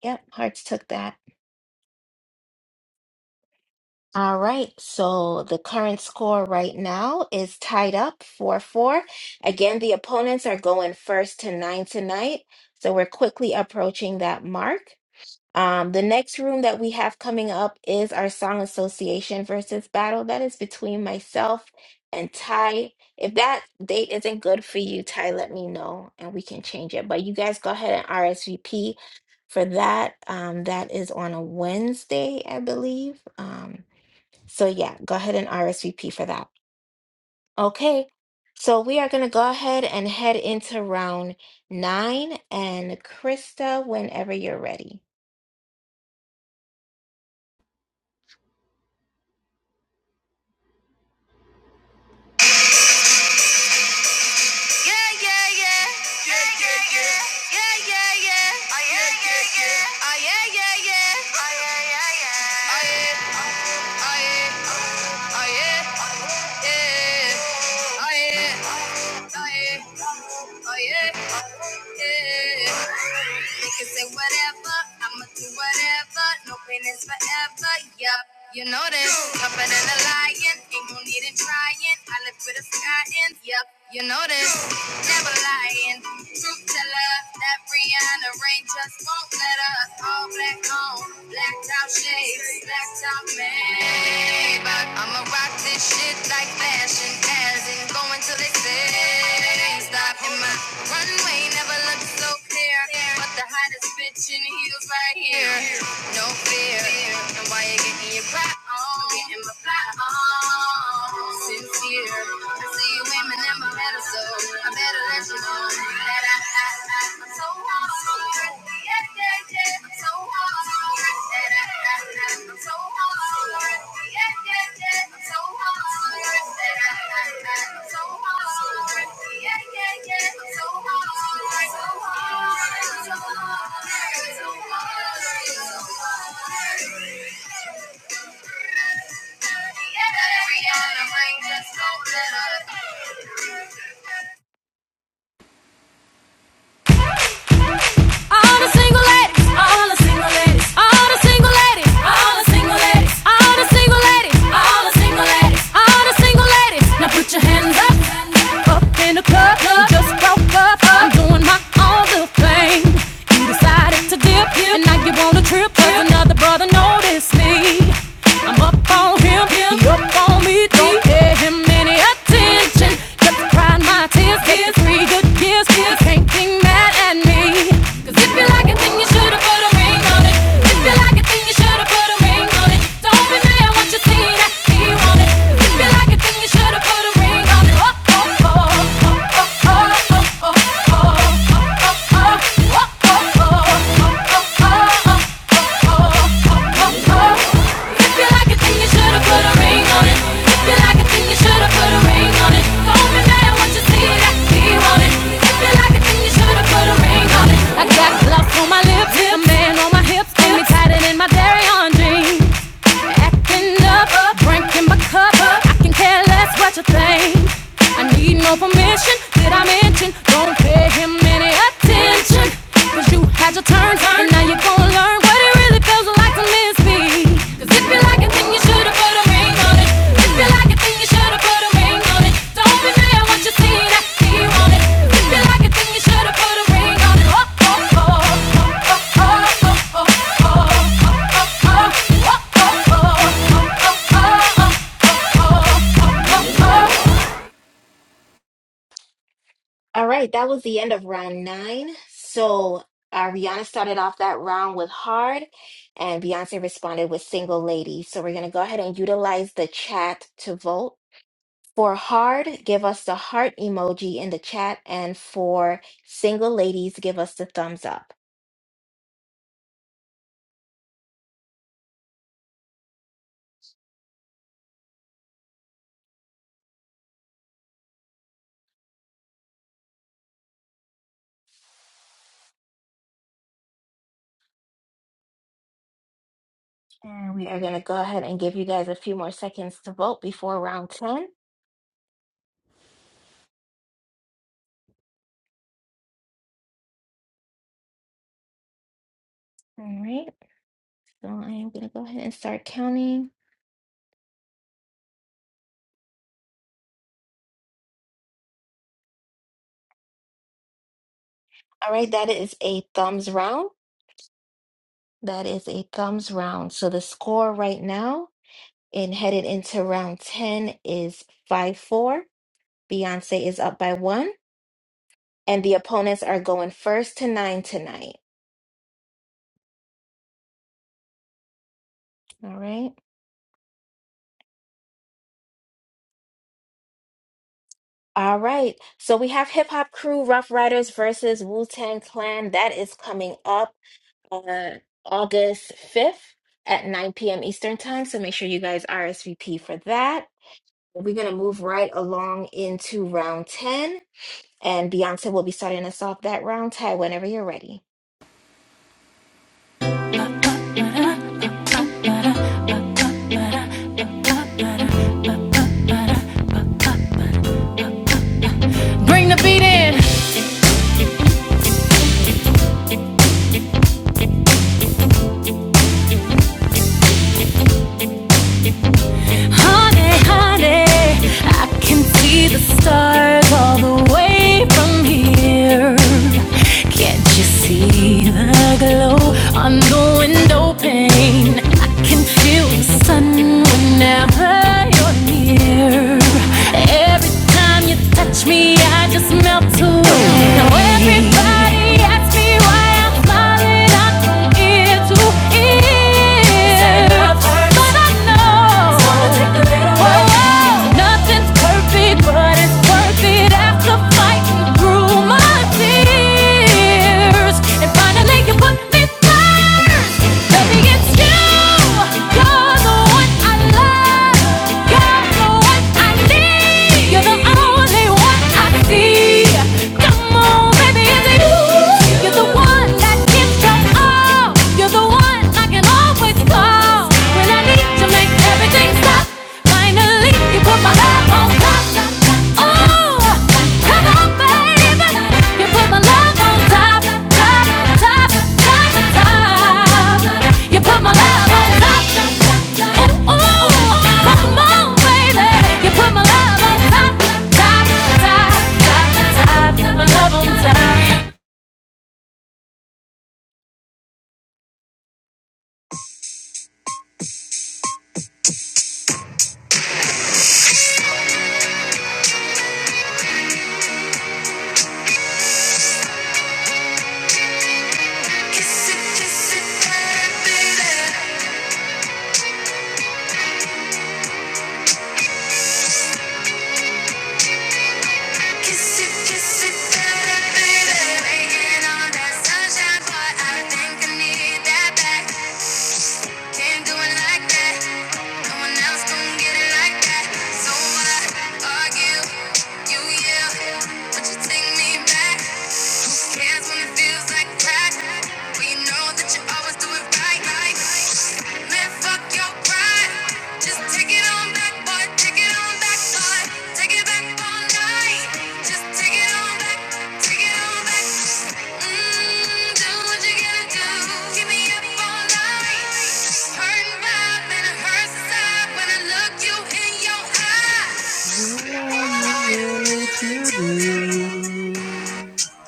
[SPEAKER 2] Yep, hearts took that. All right, so the current score right now is tied up 4 4. Again, the opponents are going first to nine tonight, so we're quickly approaching that mark. Um, the next room that we have coming up is our song association versus battle. That is between myself and Ty. If that date isn't good for you, Ty, let me know and we can change it. But you guys go ahead and RSVP for that. Um, that is on a Wednesday, I believe. Um, so yeah, go ahead and RSVP for that. Okay. So we are going to go ahead and head into round nine. And Krista, whenever you're ready.
[SPEAKER 3] Yeah, yeah, yeah. Yeah, yeah, yeah. Yeah, yeah, yeah. Oh, yeah, yeah, yeah. Oh, yeah, yeah, yeah. Oh, yeah. can say whatever, whatever. I'ma do whatever, No pain is forever. Yup, You know this, tougher than a lion, ain't no need in trying. I live with a sky and yep, you know this, never lying. Truth teller, left. That Brianna rain just won't let us All black on, blacked out shades, blacked out made. But I'ma rock this shit like fashion, as in going till they say stop. And my runway never looked so clear, but the hottest bitch in heels right here. No fear, and why you getting your pride on? I'm getting my fly on. Sincere, See women in my metal, so I better let you know that I, I, I, am so hot. So Yeah, yeah, yeah. I'm so hot. So That I, I, I, am so hot. So Yeah, yeah, yeah. I'm so hot. So That I, I, I, am so hot. So Yeah, yeah, yeah. I'm so hot. So hot. So hot. So hot. So hot. So hot. Yeah, yeah, yeah.
[SPEAKER 4] All the single ladies, all the single ladies, all the single ladies, all the single ladies, all the single ladies, all the single ladies, Now put your hands up, up in the club, just broke up. I'm doing my own little thing. You decided to dip, and now you wanna trip 'cause another brother noticed me. I'm up on him, he up on me. Don't pay him any attention. Just cry my tears, tears, three good years, tears. Can't think mad at me. Cause if you like it, then you should've put a ring on it. If you like it, then you should've put a ring on it. Don't be mad what you see that he want it. If you like it, then you should've put a ring on it. Oh, oh, oh, oh, oh, oh, oh, oh, oh, oh. oh. I got gloss on my lips, a man on my hips, got me tighter than my very own jeans. Acting up, drinking my cup. I can care less what you think. I need no permission. Did I mention? Don't pay him any attention? 'Cause you had your turn, and now you're gonna learn what it really feels like to miss me. 'Cause if you like it, then you should've put a ring on it. If you like it, then you should've put a ring on it. Don't be mad at what you see, that's fear on it. If you like it, then you should've put a ring on it. Oh, oh, oh, oh, oh, oh, oh. oh.
[SPEAKER 2] All right, that was the end of round nine. So uh, Rihanna started off that round with Hard, and Beyonce responded with Single Lady. So we're going to go ahead and utilize the chat to vote. For Hard, give us the heart emoji in the chat, and for Single Ladies, give us the thumbs up. And we are going to go ahead and give you guys a few more seconds to vote before round 10. All right, so I am going to go ahead and start counting. All right, that is a thumbs round. That is a thumbs round. So the score right now and headed into round 10 is 5-4. Beyonce is up by one, and the opponents are going first to nine tonight. All right. All right. So we have Hip Hop Crew Rough Riders versus Wu-Tang Clan. That is coming up on August 5th at 9 p.m. Eastern Time. So make sure you guys RSVP for that. We're going to move right along into round 10. And Beyonce will be starting us off that round, Ty, whenever you're ready.
[SPEAKER 4] Bring the beat in. Honey, honey, I can see the stars all the way from here. Can't you see the glow on the window pane? I can feel the sun whenever you're near. Every time you touch me, I just melt away. Now everybody asks me why I'm smiling. I from ear to ear. Baby, it's you. You're the one I love. You're the one I need. You're the only one I see. Come on, baby, it's you. You're the one that gives your all. You're the one I can always call. When I need you, make everything stop. Finally, you put my love on top. Oh, come on, baby. You put my love on top, top, top, top, top. You put my love on top. Ooh, ooh, come on, baby. You put my love on top, top, top, top, top. Put my love on top.
[SPEAKER 3] Kiss it, kiss it, baby. Kiss it, kiss it, baby. Waking on that sunshine, boy, I think I need that back. Can't do it like that. No one else gon' get it like that. So I argue, you yell, but you take me back. Hands on the deals like crack. We know that you always do it right. Man, fuck your pride. Just take it on back, boy. Take it on back, boy. Take it back all night. Just take it on back. Take it on back. Mm, do what you gotta do. Keep me up all night. Hurting vibe and it hurts inside when I look you in your eye. What are you willing to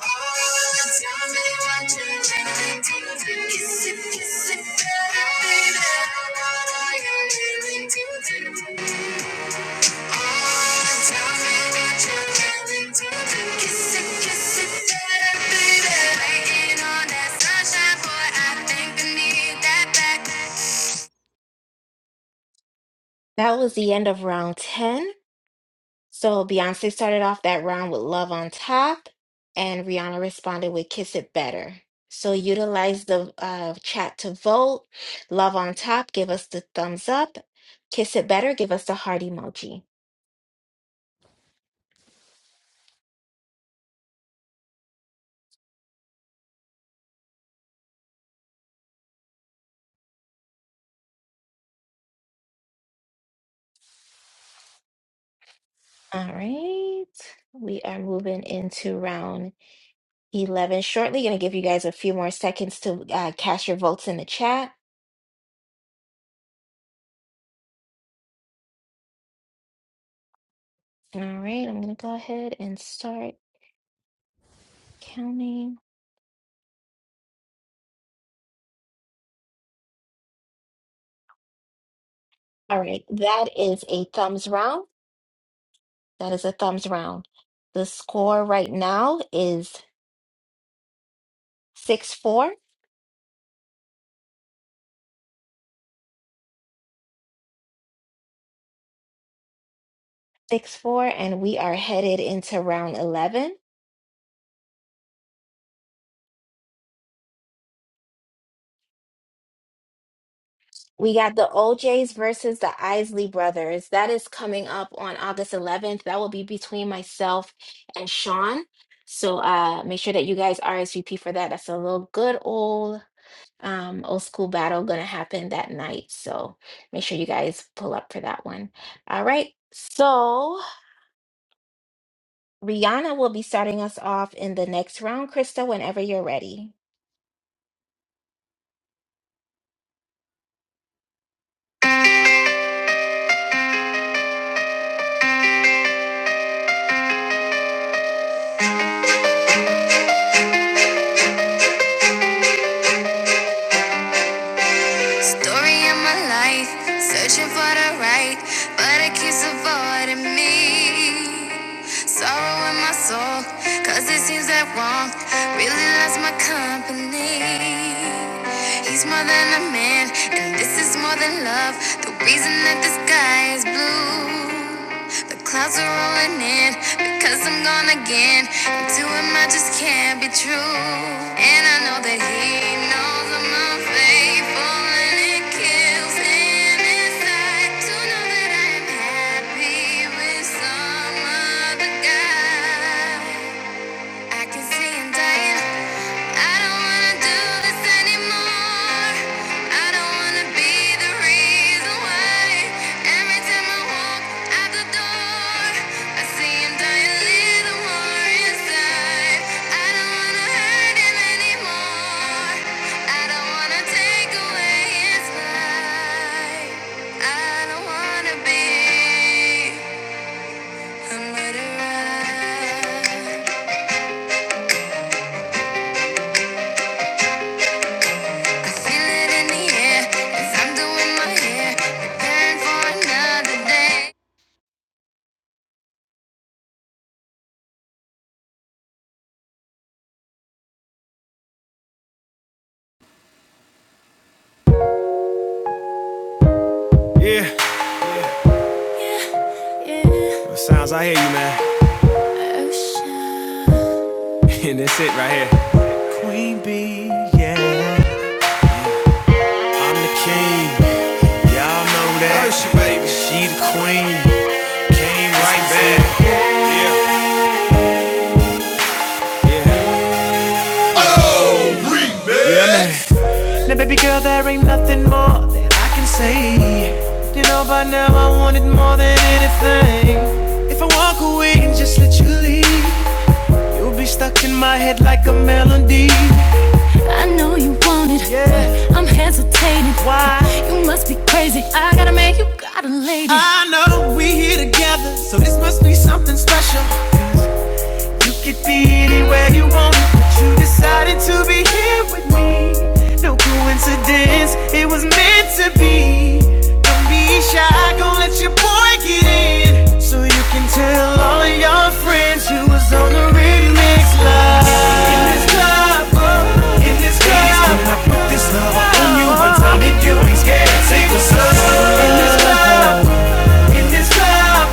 [SPEAKER 3] Sunshine, boy, I think I need that back.
[SPEAKER 2] That was the end of round 10. So Beyonce started off that round with Love on Top, and Rihanna responded with Kiss It Better. So utilize the uh, chat to vote. Love on Top, give us the thumbs up. Kiss It Better, give us the heart emoji. All right. We are moving into round 11 shortly. Going to give you guys a few more seconds to uh, cast your votes in the chat. All right, I'm going to go ahead and start counting. All right, that is a thumbs round. That is a thumbs round. The score right now is six four, six four, and we are headed into round 11. We got the OJs versus the Isley brothers. That is coming up on August 11th. That will be between myself and Sean. So uh, make sure that you guys RSVP for that. That's a little good old um old school battle gonna happen that night so make sure you guys pull up for that one all right so rihanna will be starting us off in the next round krista whenever you're ready
[SPEAKER 3] Story of my life, searching for the right, but it keeps avoiding me. Sorrow in my soul, cause it seems that wrong really loves my company. He's more than a man, and this is more than love. The reason that the sky is blue. The clouds are rolling in because I'm gone again. And To him, I just can't be true. And I know that he knows I'm unfaithful and it kills him inside to know that I'm happy with some other guy. I can see him dying. I don't wanna do this anymore. I don't wanna be the reason why. Every time I walk out the door, I see him die a little more inside. I don't wanna hurt him anymore. I don't wanna take away his life. I don't wanna be a murderer. I feel it in the air as I'm doing my hair, preparing for
[SPEAKER 4] Yeah, sounds I hear you, man. And that's it right here. Queen Bee. Now, baby girl, there ain't nothing more that I can say. You know, by now I want it more than anything. If I walk away and just let you leave, you'll be stuck in my head like a melody. I know you want it. Yeah. I'm hesitating. Why? You must be crazy. I got a man, you got a lady. I know we here together, so this must be something special. You could be anywhere you want, but you decided to be here with me. No coincidence, it was meant to be. Don't be shy, gon' let your boy get in. So you can tell all of your friends you was on the remix live. In this club, oh, in this club. Please when I put this love on you, one time if you ain't scared, say what's up. In this club, in this club.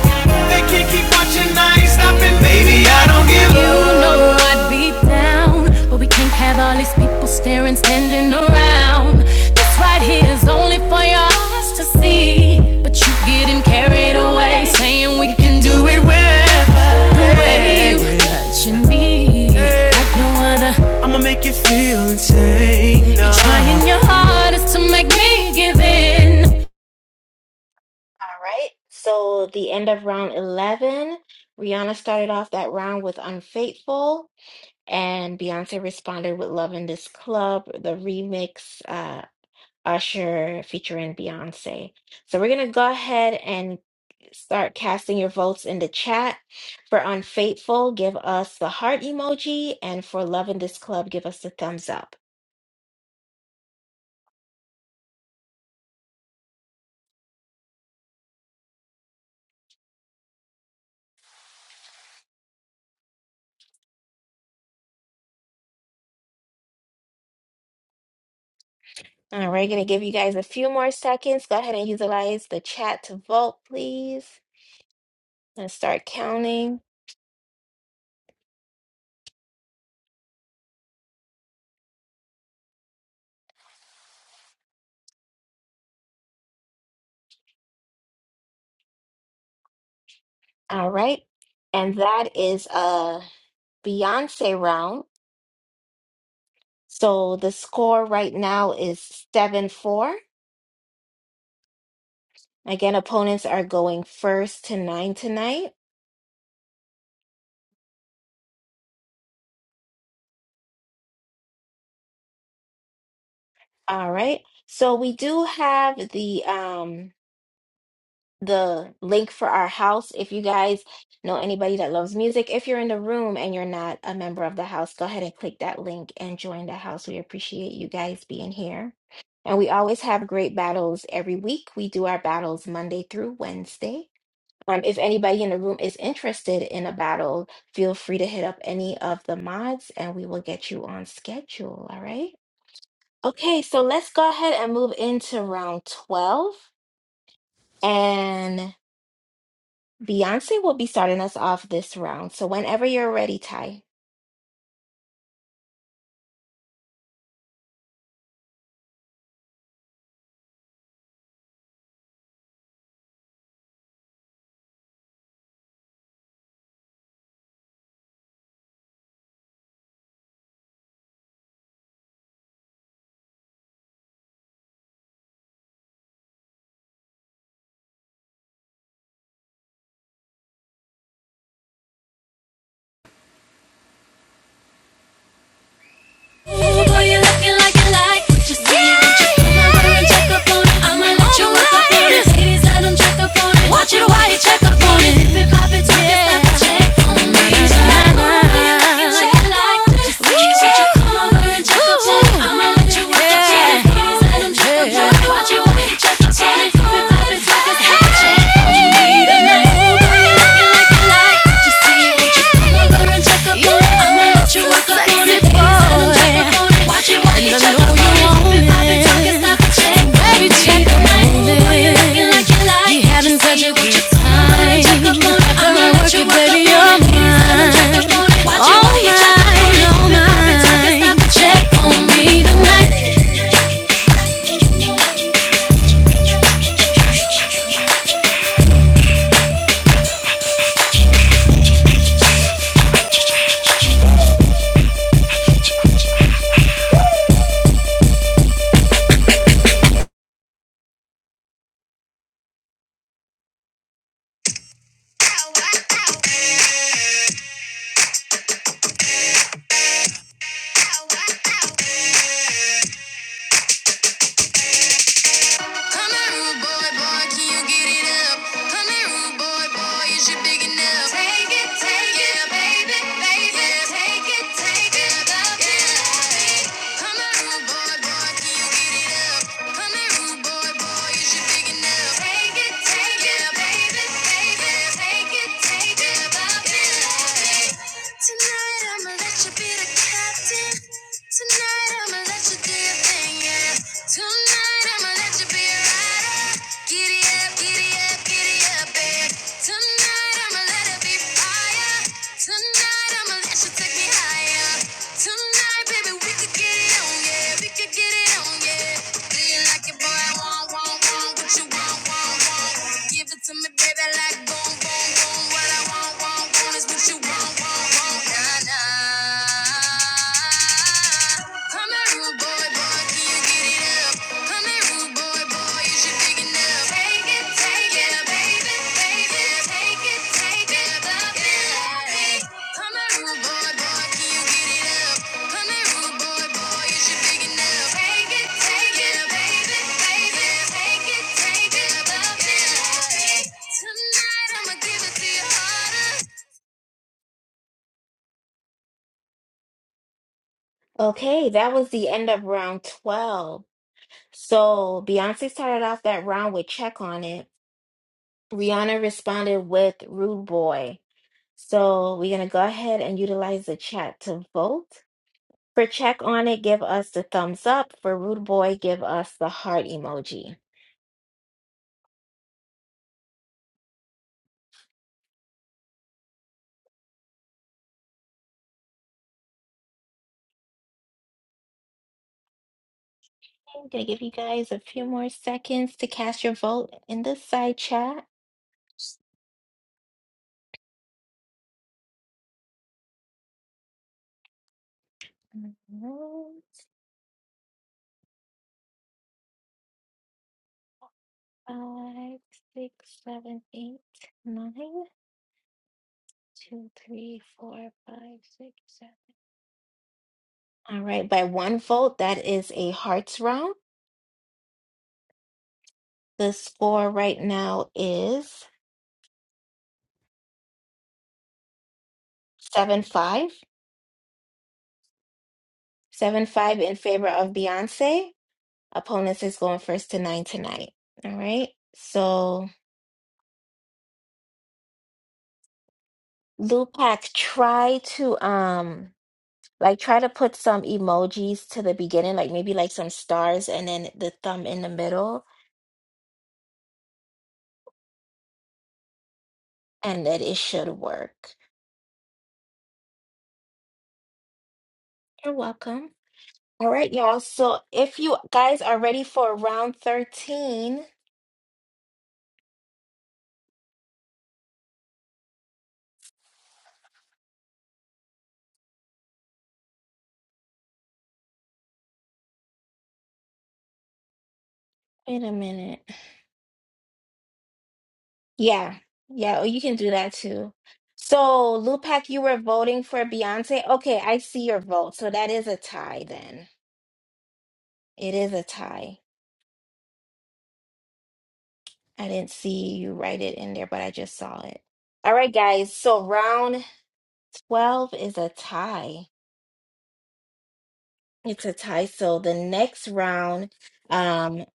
[SPEAKER 4] They can't keep watching, I ain't stopping, baby. I don't give up. You know I'd be down, but we can't have all these people staring, standing around. This right here is only for your eyes to see, but you getting carried away, saying we can do it wherever. The way you touching me, like no other. I'ma make you feel insane. You're Trying your hardest to make me give in.
[SPEAKER 2] all right so the end of round 11 rihanna started off that round with unfaithful and beyonce responded with "Love in this club the remix Usher featuring Beyonce. So we're going to go ahead and start casting your votes in the chat. For Unfaithful, give us the heart emoji. And for Loving This Club, give us the thumbs up. All right, going to give you guys a few more seconds. Go ahead and utilize the chat to vote, please. going to start counting. All right. And that is a Beyonce round. So the score right now is 7 4. Again, opponents are going first to nine tonight. All right. So we do have the um the link for our house. If you guys know anybody that loves music, if you're in the room and you're not a member of the house, go ahead and click that link and join the house. We appreciate you guys being here. And we always have great battles every week. We do our battles Monday through Wednesday. Um, if anybody in the room is interested in a battle, feel free to hit up any of the mods and we will get you on schedule. All right. Okay, so let's go ahead and move into round 12. And Beyonce will be starting us off this round. So whenever you're ready, Ty.
[SPEAKER 4] Check up on it. I know you want it. Baby, check my list. You having such a your time. Come and work it, baby, you're mine. All mine, all mine. Check on me tonight.
[SPEAKER 3] another day. Come here, rude boy, boy, can you get it up? Come here, rude boy, boy, is you big enough? Take it, take it, Yeah. baby, baby, Yeah. take it, take it, love it. Come here, rude boy, boy, can you get it up? Come here, rude boy, boy, is you big enough? Take it, take it, Yeah. baby, baby, take it, take it, love it. Tonight I'ma let you be the captain. Tonight I'ma let you Tonight I'ma let you be a rider. Giddy up, giddy up, giddy up, babe. Tonight I'ma let it be fire. Tonight I'ma let you take me higher. Tonight, baby, we could get it on, yeah. We could get it on, yeah. Do you like it, boy? want, want, want what you want, want, want. Give it to me, baby, like boom, boom, boom. What I want, want, want is what you want, want, want. Nah, nah. Come here, rude boy, boy, can you get it up? Come here, rude boy, boy, you should pick it up. Take it, take it, baby, baby, take it, take it, up, yeah. Come here, rude boy, boy, can you get it up? Come here, rude boy, boy, you should pick it up. Take it, take it, baby, baby, take it, take it, up, yeah. Tonight I'ma give it to you harder.
[SPEAKER 2] Okay, that was the end of round 12. So Beyonce started off that round with Check On It. Rihanna responded with Rude Boy. So we're going to go ahead and utilize the chat to vote. For check on it, give us the thumbs up. For rude boy, give us the heart emoji. I'm gonna give you guys a few more seconds to cast your vote in the side chat. Mhm. Five, six, seven, eight, nine, two, three, four, five, six, seven. All right, by one vote, that is a hearts round. The score right now is seven five. Seven five in favor of Beyonce. Opponents is going first to nine tonight. All right. So Lupac, try to um like try to put some emojis to the beginning, like maybe like some stars and then the thumb in the middle, and that it should work. You're welcome. All right, y'all. So if you guys are ready for round 13, wait a minute. Yeah. Yeah, oh, you can do that too. So Lupac, you were voting for Beyonce. Okay, I see your vote. So that is a tie then. It is a tie. I didn't see you write it in there, but I just saw it. All right, guys. So round 12 is a tie. It's a tie. So the next round um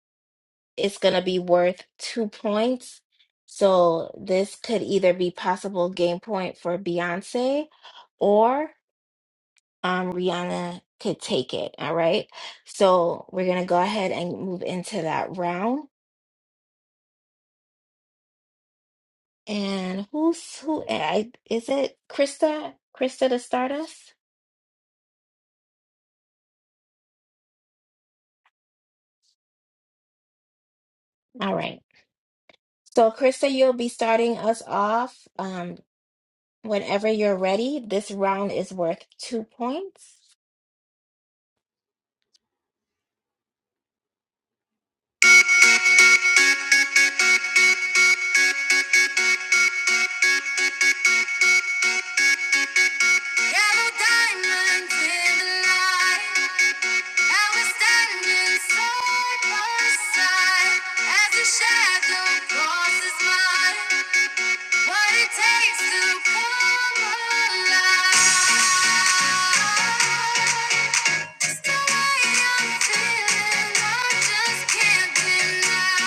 [SPEAKER 2] is going to be worth two points. So this could either be possible game point for Beyonce or um Rihanna could take it. All right. So we're going to go ahead and move into that round. And who's who? eh, I, is it Krista? Krista to start us? All right. So, Krista, you'll be starting us off um, whenever you're ready. This round is worth two points.
[SPEAKER 3] Yellow diamonds in the night, and we're standing side by side as the shadow crosses mine. What it takes to come alive. It's the way I'm feeling, I just can't deny.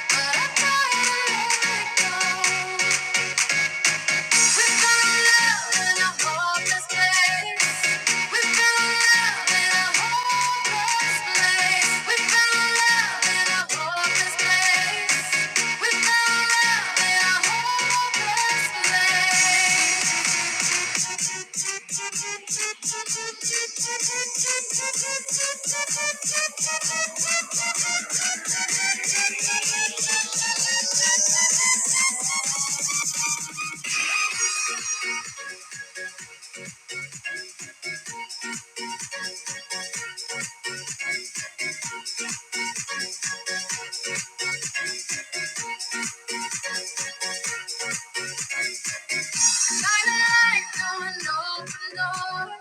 [SPEAKER 3] But I gotta let it go. Shine a light on an open door.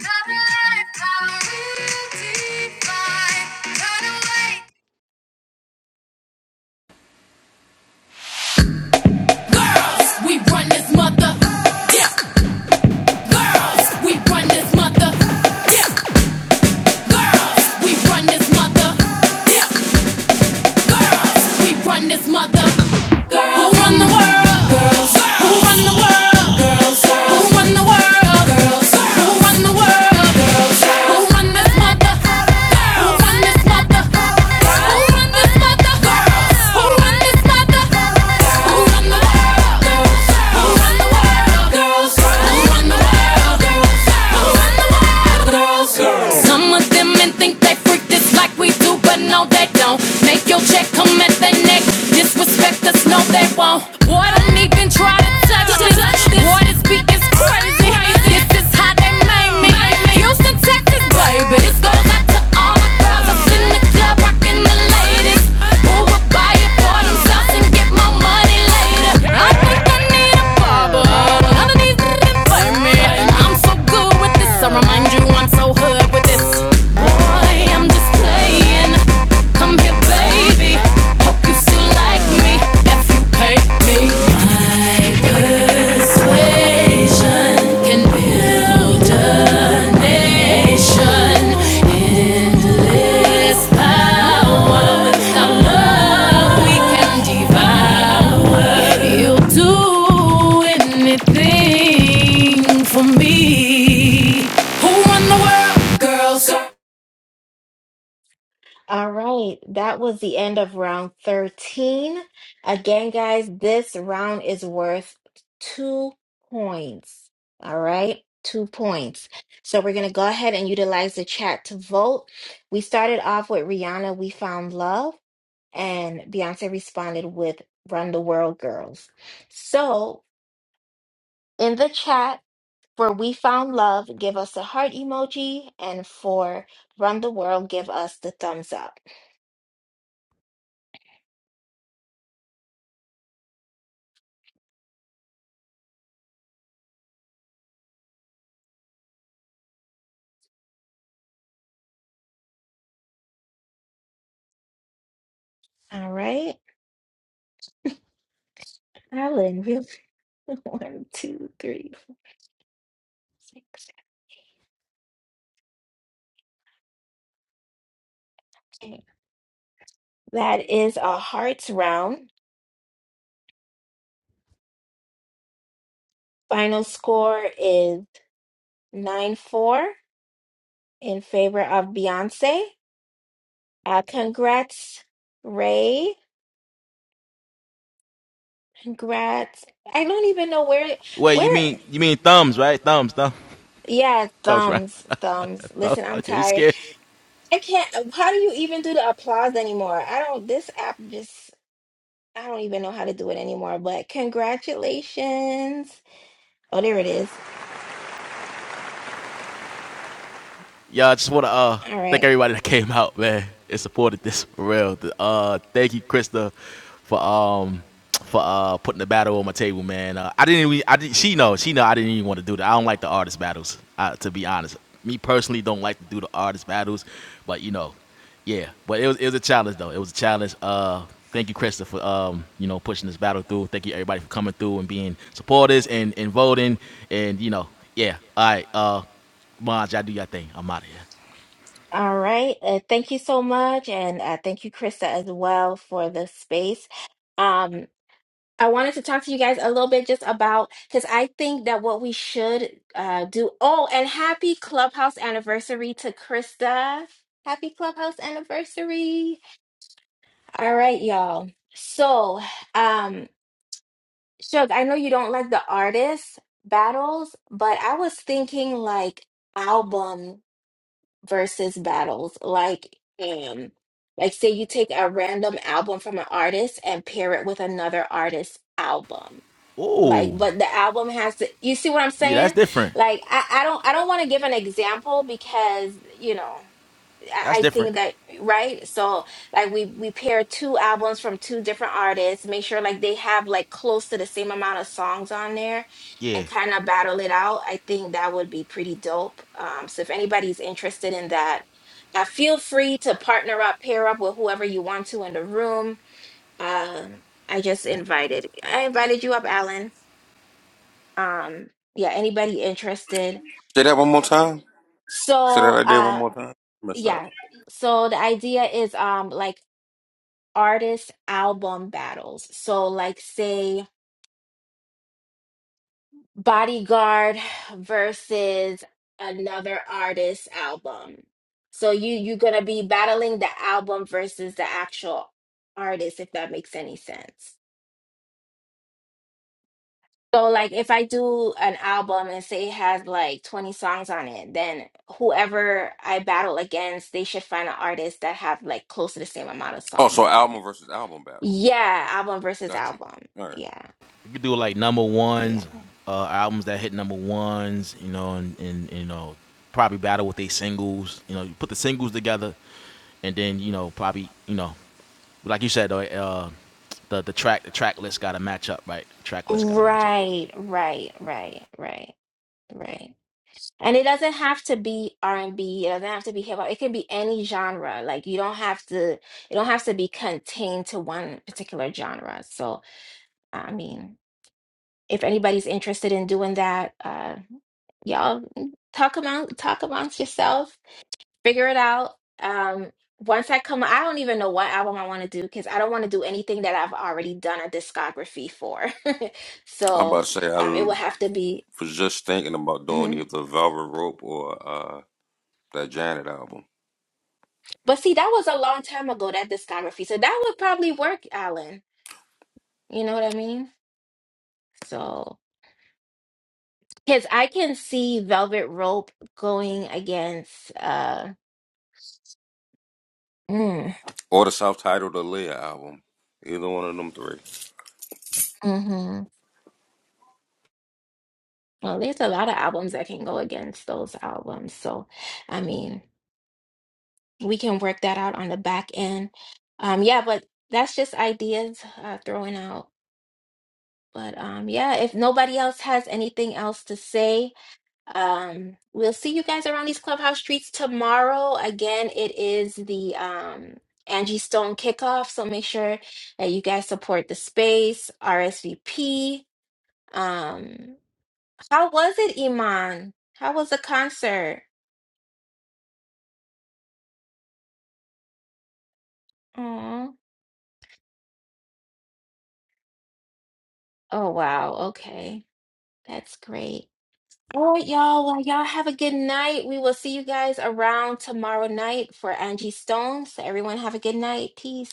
[SPEAKER 3] Covered by redefined. Run away.
[SPEAKER 4] Girls, we run this mother. Yeah. Girls, we run this mother. Yeah. Girls, we run this mother. Yeah. Girls, we run this mother. Girls, who run the world? Girls, who run the world? Girls, who run the world? Girls, who run the world? Who run this mother? Who run this mother? Who run this mother? Who run this mother? Who run the world, girls? Who run the world, girls? Who run the world, girls? Who run the world, girls? Some of them think they freak this like we do, but no, they don't. Make your check come at the neck. Disrespect us, no, they won't on. Water even try to touch this. Water speak is crazy. This is how they made me. Houston, Texas, baby. This goes out to all the girls. I'm in the club rocking the latest. Who would buy it for themselves and get my money later? I think I need a barber. Underneath the me? I'm so good with this. I remind you I'm so hood with this. I'm just playing. Come here, baby. Hope you like me. If you hate me, patient can be power, our love we can devour. You'll do anything for me. Who run the world, girls?
[SPEAKER 2] All right, that was the end of round 13. Again, guys, this round is worth two points. All right, two points. So we're going to go ahead and utilize the chat to vote. We started off with Rihanna, We Found Love, and Beyonce responded with Run the World Girls. So in the chat, for We Found Love, give us a heart emoji, and for Run the World, give us the thumbs up. All right. Alan, real one, two, three, four, six, seven, eight. That is a hearts round. Final score is 9 4 in favor of Beyonce. Uh, congrats, Ray. Congrats. I don't even know where, where, yeah, thumbs, thumbs. Listen, I'm tired. I can't, how do you even do the applause anymore? I don't, this app just, I don't even know how to do it anymore, but congratulations. Oh, there it is. All right. All right. Uh, thank you so much. And uh, thank you, Krista, as well for the space. Um, I wanted to talk to you guys a little bit just about because I think that what we should uh, do. Oh, and happy clubhouse anniversary to Krista. Happy clubhouse anniversary. All right, y'all. So, um, Shug, I know you don't like the artist battles, but I was thinking like album. versus battles. Like, um, like say you take a random album from an artist and pair it with another artist's album. Like, but the album has to, you see what I'm saying? Like, I, I don't, I don't want to give an example because, you know. I I think that right. So like we we pair two albums from two different artists, make sure like they have like close to the same amount of songs on there and kind of battle it out. I think that would be pretty dope. Um so if anybody's interested in that, uh, feel free to partner up, pair up with whoever you want to in the room. Um I just invited I invited you up, Alan. Um yeah, anybody interested.
[SPEAKER 5] Say that one more time. Say that
[SPEAKER 2] So
[SPEAKER 5] idea one
[SPEAKER 2] uh
[SPEAKER 5] more time. Messed up.
[SPEAKER 2] yeah, so the idea is um like artist album battles. So, like, say Bodyguard versus another artist album. So you you're gonna be battling the album versus the actual artist, if that makes any sense. So, like, if I do an album and say it has like 20 songs on it, then whoever I battle against, they should find an artist that have like close to the same amount of
[SPEAKER 5] Oh,
[SPEAKER 2] songs
[SPEAKER 5] so
[SPEAKER 2] on it.
[SPEAKER 5] album versus album battle.
[SPEAKER 2] Yeah, album versus
[SPEAKER 5] Got you.
[SPEAKER 2] album.
[SPEAKER 5] All right.
[SPEAKER 2] Yeah, yeah. Right, right, right, right, right. And it doesn't have to be R&B, it doesn't have to be hip hop. It can be any genre. Like you don't have to you don't have to be contained to one particular genre. So, I mean, if anybody's interested in doing that, uh y'all mm, talk among talk amongst yourself, figure it out. Um once I come, I don't even know what album I want to do because I don't want to do anything that I've already done a discography for.
[SPEAKER 5] I'm
[SPEAKER 2] So,
[SPEAKER 5] about to say I
[SPEAKER 2] um, it will
[SPEAKER 5] l-
[SPEAKER 2] have to be.
[SPEAKER 5] was just thinking about doing
[SPEAKER 2] hmm
[SPEAKER 5] either the Velvet Rope or uh, that Janet album,
[SPEAKER 2] But see, that was a long time ago, that discography. So that would probably work, Alan. You know what I mean? So, because I can see Velvet Rope going against, uh, mm,
[SPEAKER 5] or the self-titled Aaliyah album. Either one of them three.
[SPEAKER 2] hmm Well, there's a lot of albums that can go against those albums. So, I mean, we can work that out on the back end. Um, yeah, but that's just ideas uh, throwing out. But um, yeah, if nobody else has anything else to say, Um, we'll see you guys around these clubhouse streets tomorrow. Again, it is the um Angie Stone kickoff, so make sure that you guys support the space, RSVP. Um, how was it, Iman? How was the concert? Aw. Oh, wow. Okay. That's great. All right, y'all. Well, y'all have a good night. We will see you guys around tomorrow night for Angie Stone. So everyone have a good night. Peace.